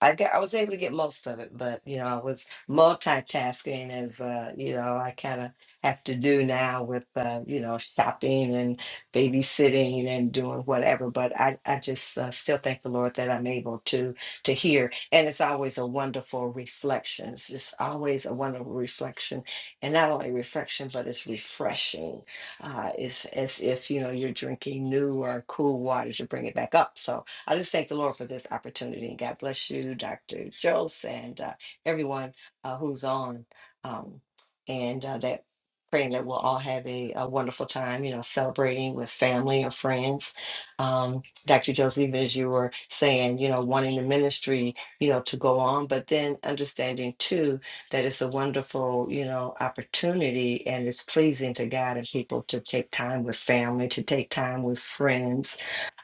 Speaker 4: I got, I was able to get most of it, but you know, I was multitasking as uh, you know, I kind of have to do now with uh, you know, shopping and babysitting and doing whatever. But I, I just uh, still thank the Lord that I'm able to to hear, and it's always a wonderful reflection. It's just always a wonderful reflection, and not only reflection, but it's refreshing. Uh, it's as if you know you're drinking new or cool water to bring it back up. So I just thank the Lord for this opportunity. God bless you, Dr. Jose, and uh, everyone uh, who's on. Um, and uh, that praying that we'll all have a, a wonderful time, you know, celebrating with family or friends. Um, Dr. Jose, even as you were saying, you know, wanting the ministry, you know, to go on, but then understanding too that it's a wonderful, you know, opportunity and it's pleasing to God and people to take time with family, to take time with friends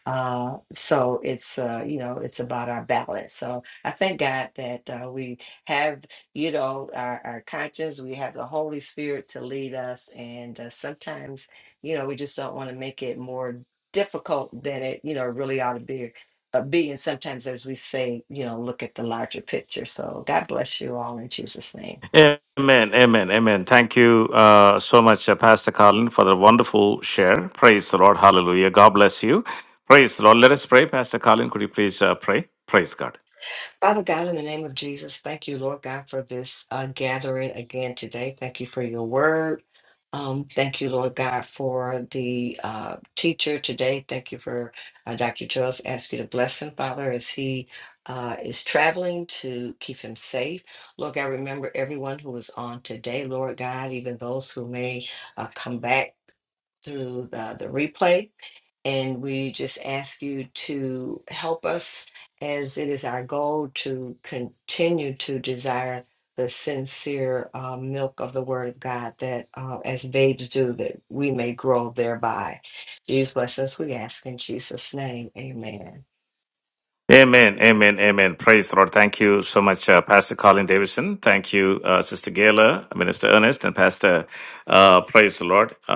Speaker 4: uh, so it's uh, you know, it's about our balance. So I thank God that uh, we have, you know, our, our conscience, we have the Holy Spirit to lead us, and uh, sometimes, you know, we just don't want to make it more difficult than it, you know, really ought to be. Uh, be and sometimes, as we say, you know, look at the larger picture. So God bless you all in Jesus' name.
Speaker 1: Amen, amen, amen. Thank you uh, so much, uh, Pastor Carlin, for the wonderful share. Praise the Lord. Hallelujah. God bless you. Praise the Lord. Let us pray. Pastor Carlin, could you please uh, pray? Praise God.
Speaker 4: Father God, in the name of Jesus, thank you, Lord God, for this uh, gathering again today. Thank you for your word. Um, thank you, Lord God, for the uh, teacher today. Thank you for uh, Dr. Jones. Ask you to bless him, Father, as he uh, is traveling to keep him safe. Lord God, remember everyone who was on today, Lord God, even those who may uh, come back through the, the replay. And we just ask you to help us as it is our goal to continue to desire the sincere uh, milk of the Word of God, that uh, as babes do, that we may grow thereby. These blessings we ask in Jesus' name. Amen.
Speaker 1: Amen, amen, amen. Praise the Lord. Thank you so much, uh, Pastor Colin Davidson. Thank you, uh, Sister Gayla, Minister Ernest, and Pastor, uh, praise the Lord, uh,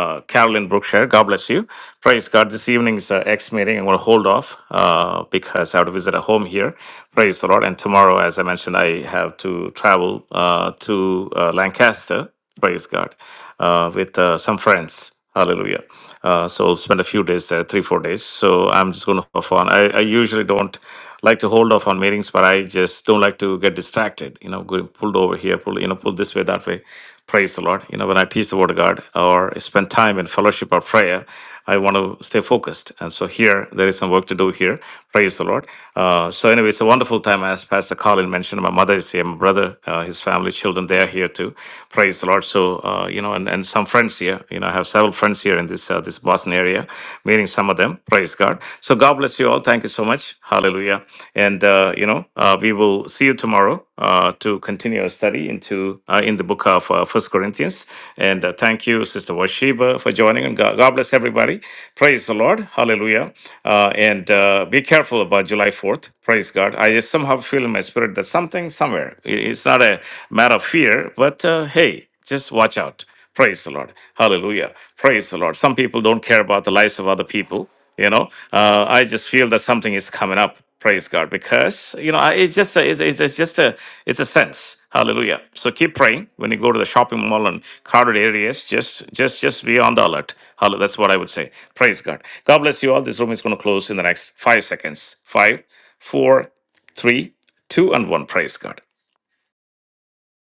Speaker 1: uh, Carolyn Brookshire. God bless you. Praise God. This evening's uh, X meeting, I'm going to hold off uh, because I have to visit a home here. Praise the Lord. And tomorrow, as I mentioned, I have to travel uh, to uh, Lancaster. Praise God. Uh, with uh, some friends. Hallelujah. Uh, so I'll spend a few days there, three, four days. So I'm just going to have fun. I, I usually don't like to hold off on meetings, but I just don't like to get distracted, you know, going pulled over here, pulled, you know, pulled this way, that way. Praise the Lord. You know, when I teach the word of God or spend time in fellowship or prayer, I want to stay focused. And so here, there is some work to do here. Praise the Lord. Uh, so anyway, it's a wonderful time. As Pastor Colin mentioned, my mother is here, my brother, uh, his family, children, they are here too. Praise the Lord. So, uh, you know, and, and some friends here. You know, I have several friends here in this, uh, this Boston area, meeting some of them. Praise God. So God bless you all. Thank you so much. Hallelujah. And, uh, you know, uh, we will will see you tomorrow uh, to continue our study into uh, in the book of uh, First Corinthians. And uh, thank you, Sister Washiba, for joining. And God, God bless everybody. Praise the Lord. Hallelujah. Uh, and uh, be careful about July 4th. Praise God. I just somehow feel in my spirit that something somewhere. it- It's not a matter of fear, but uh, hey, just watch out. Praise the Lord. Hallelujah. Praise the Lord. Some people don't care about the lives of other people. You know, uh, I just feel that something is coming up praise god because you know I- it's just a, it's, it's, it's just a it's a sense hallelujah so keep praying when you go to the shopping mall and crowded areas just just just be on the alert hallelujah that's what i would say praise god god bless you all this room is going to close in the next five seconds five four three two and one praise god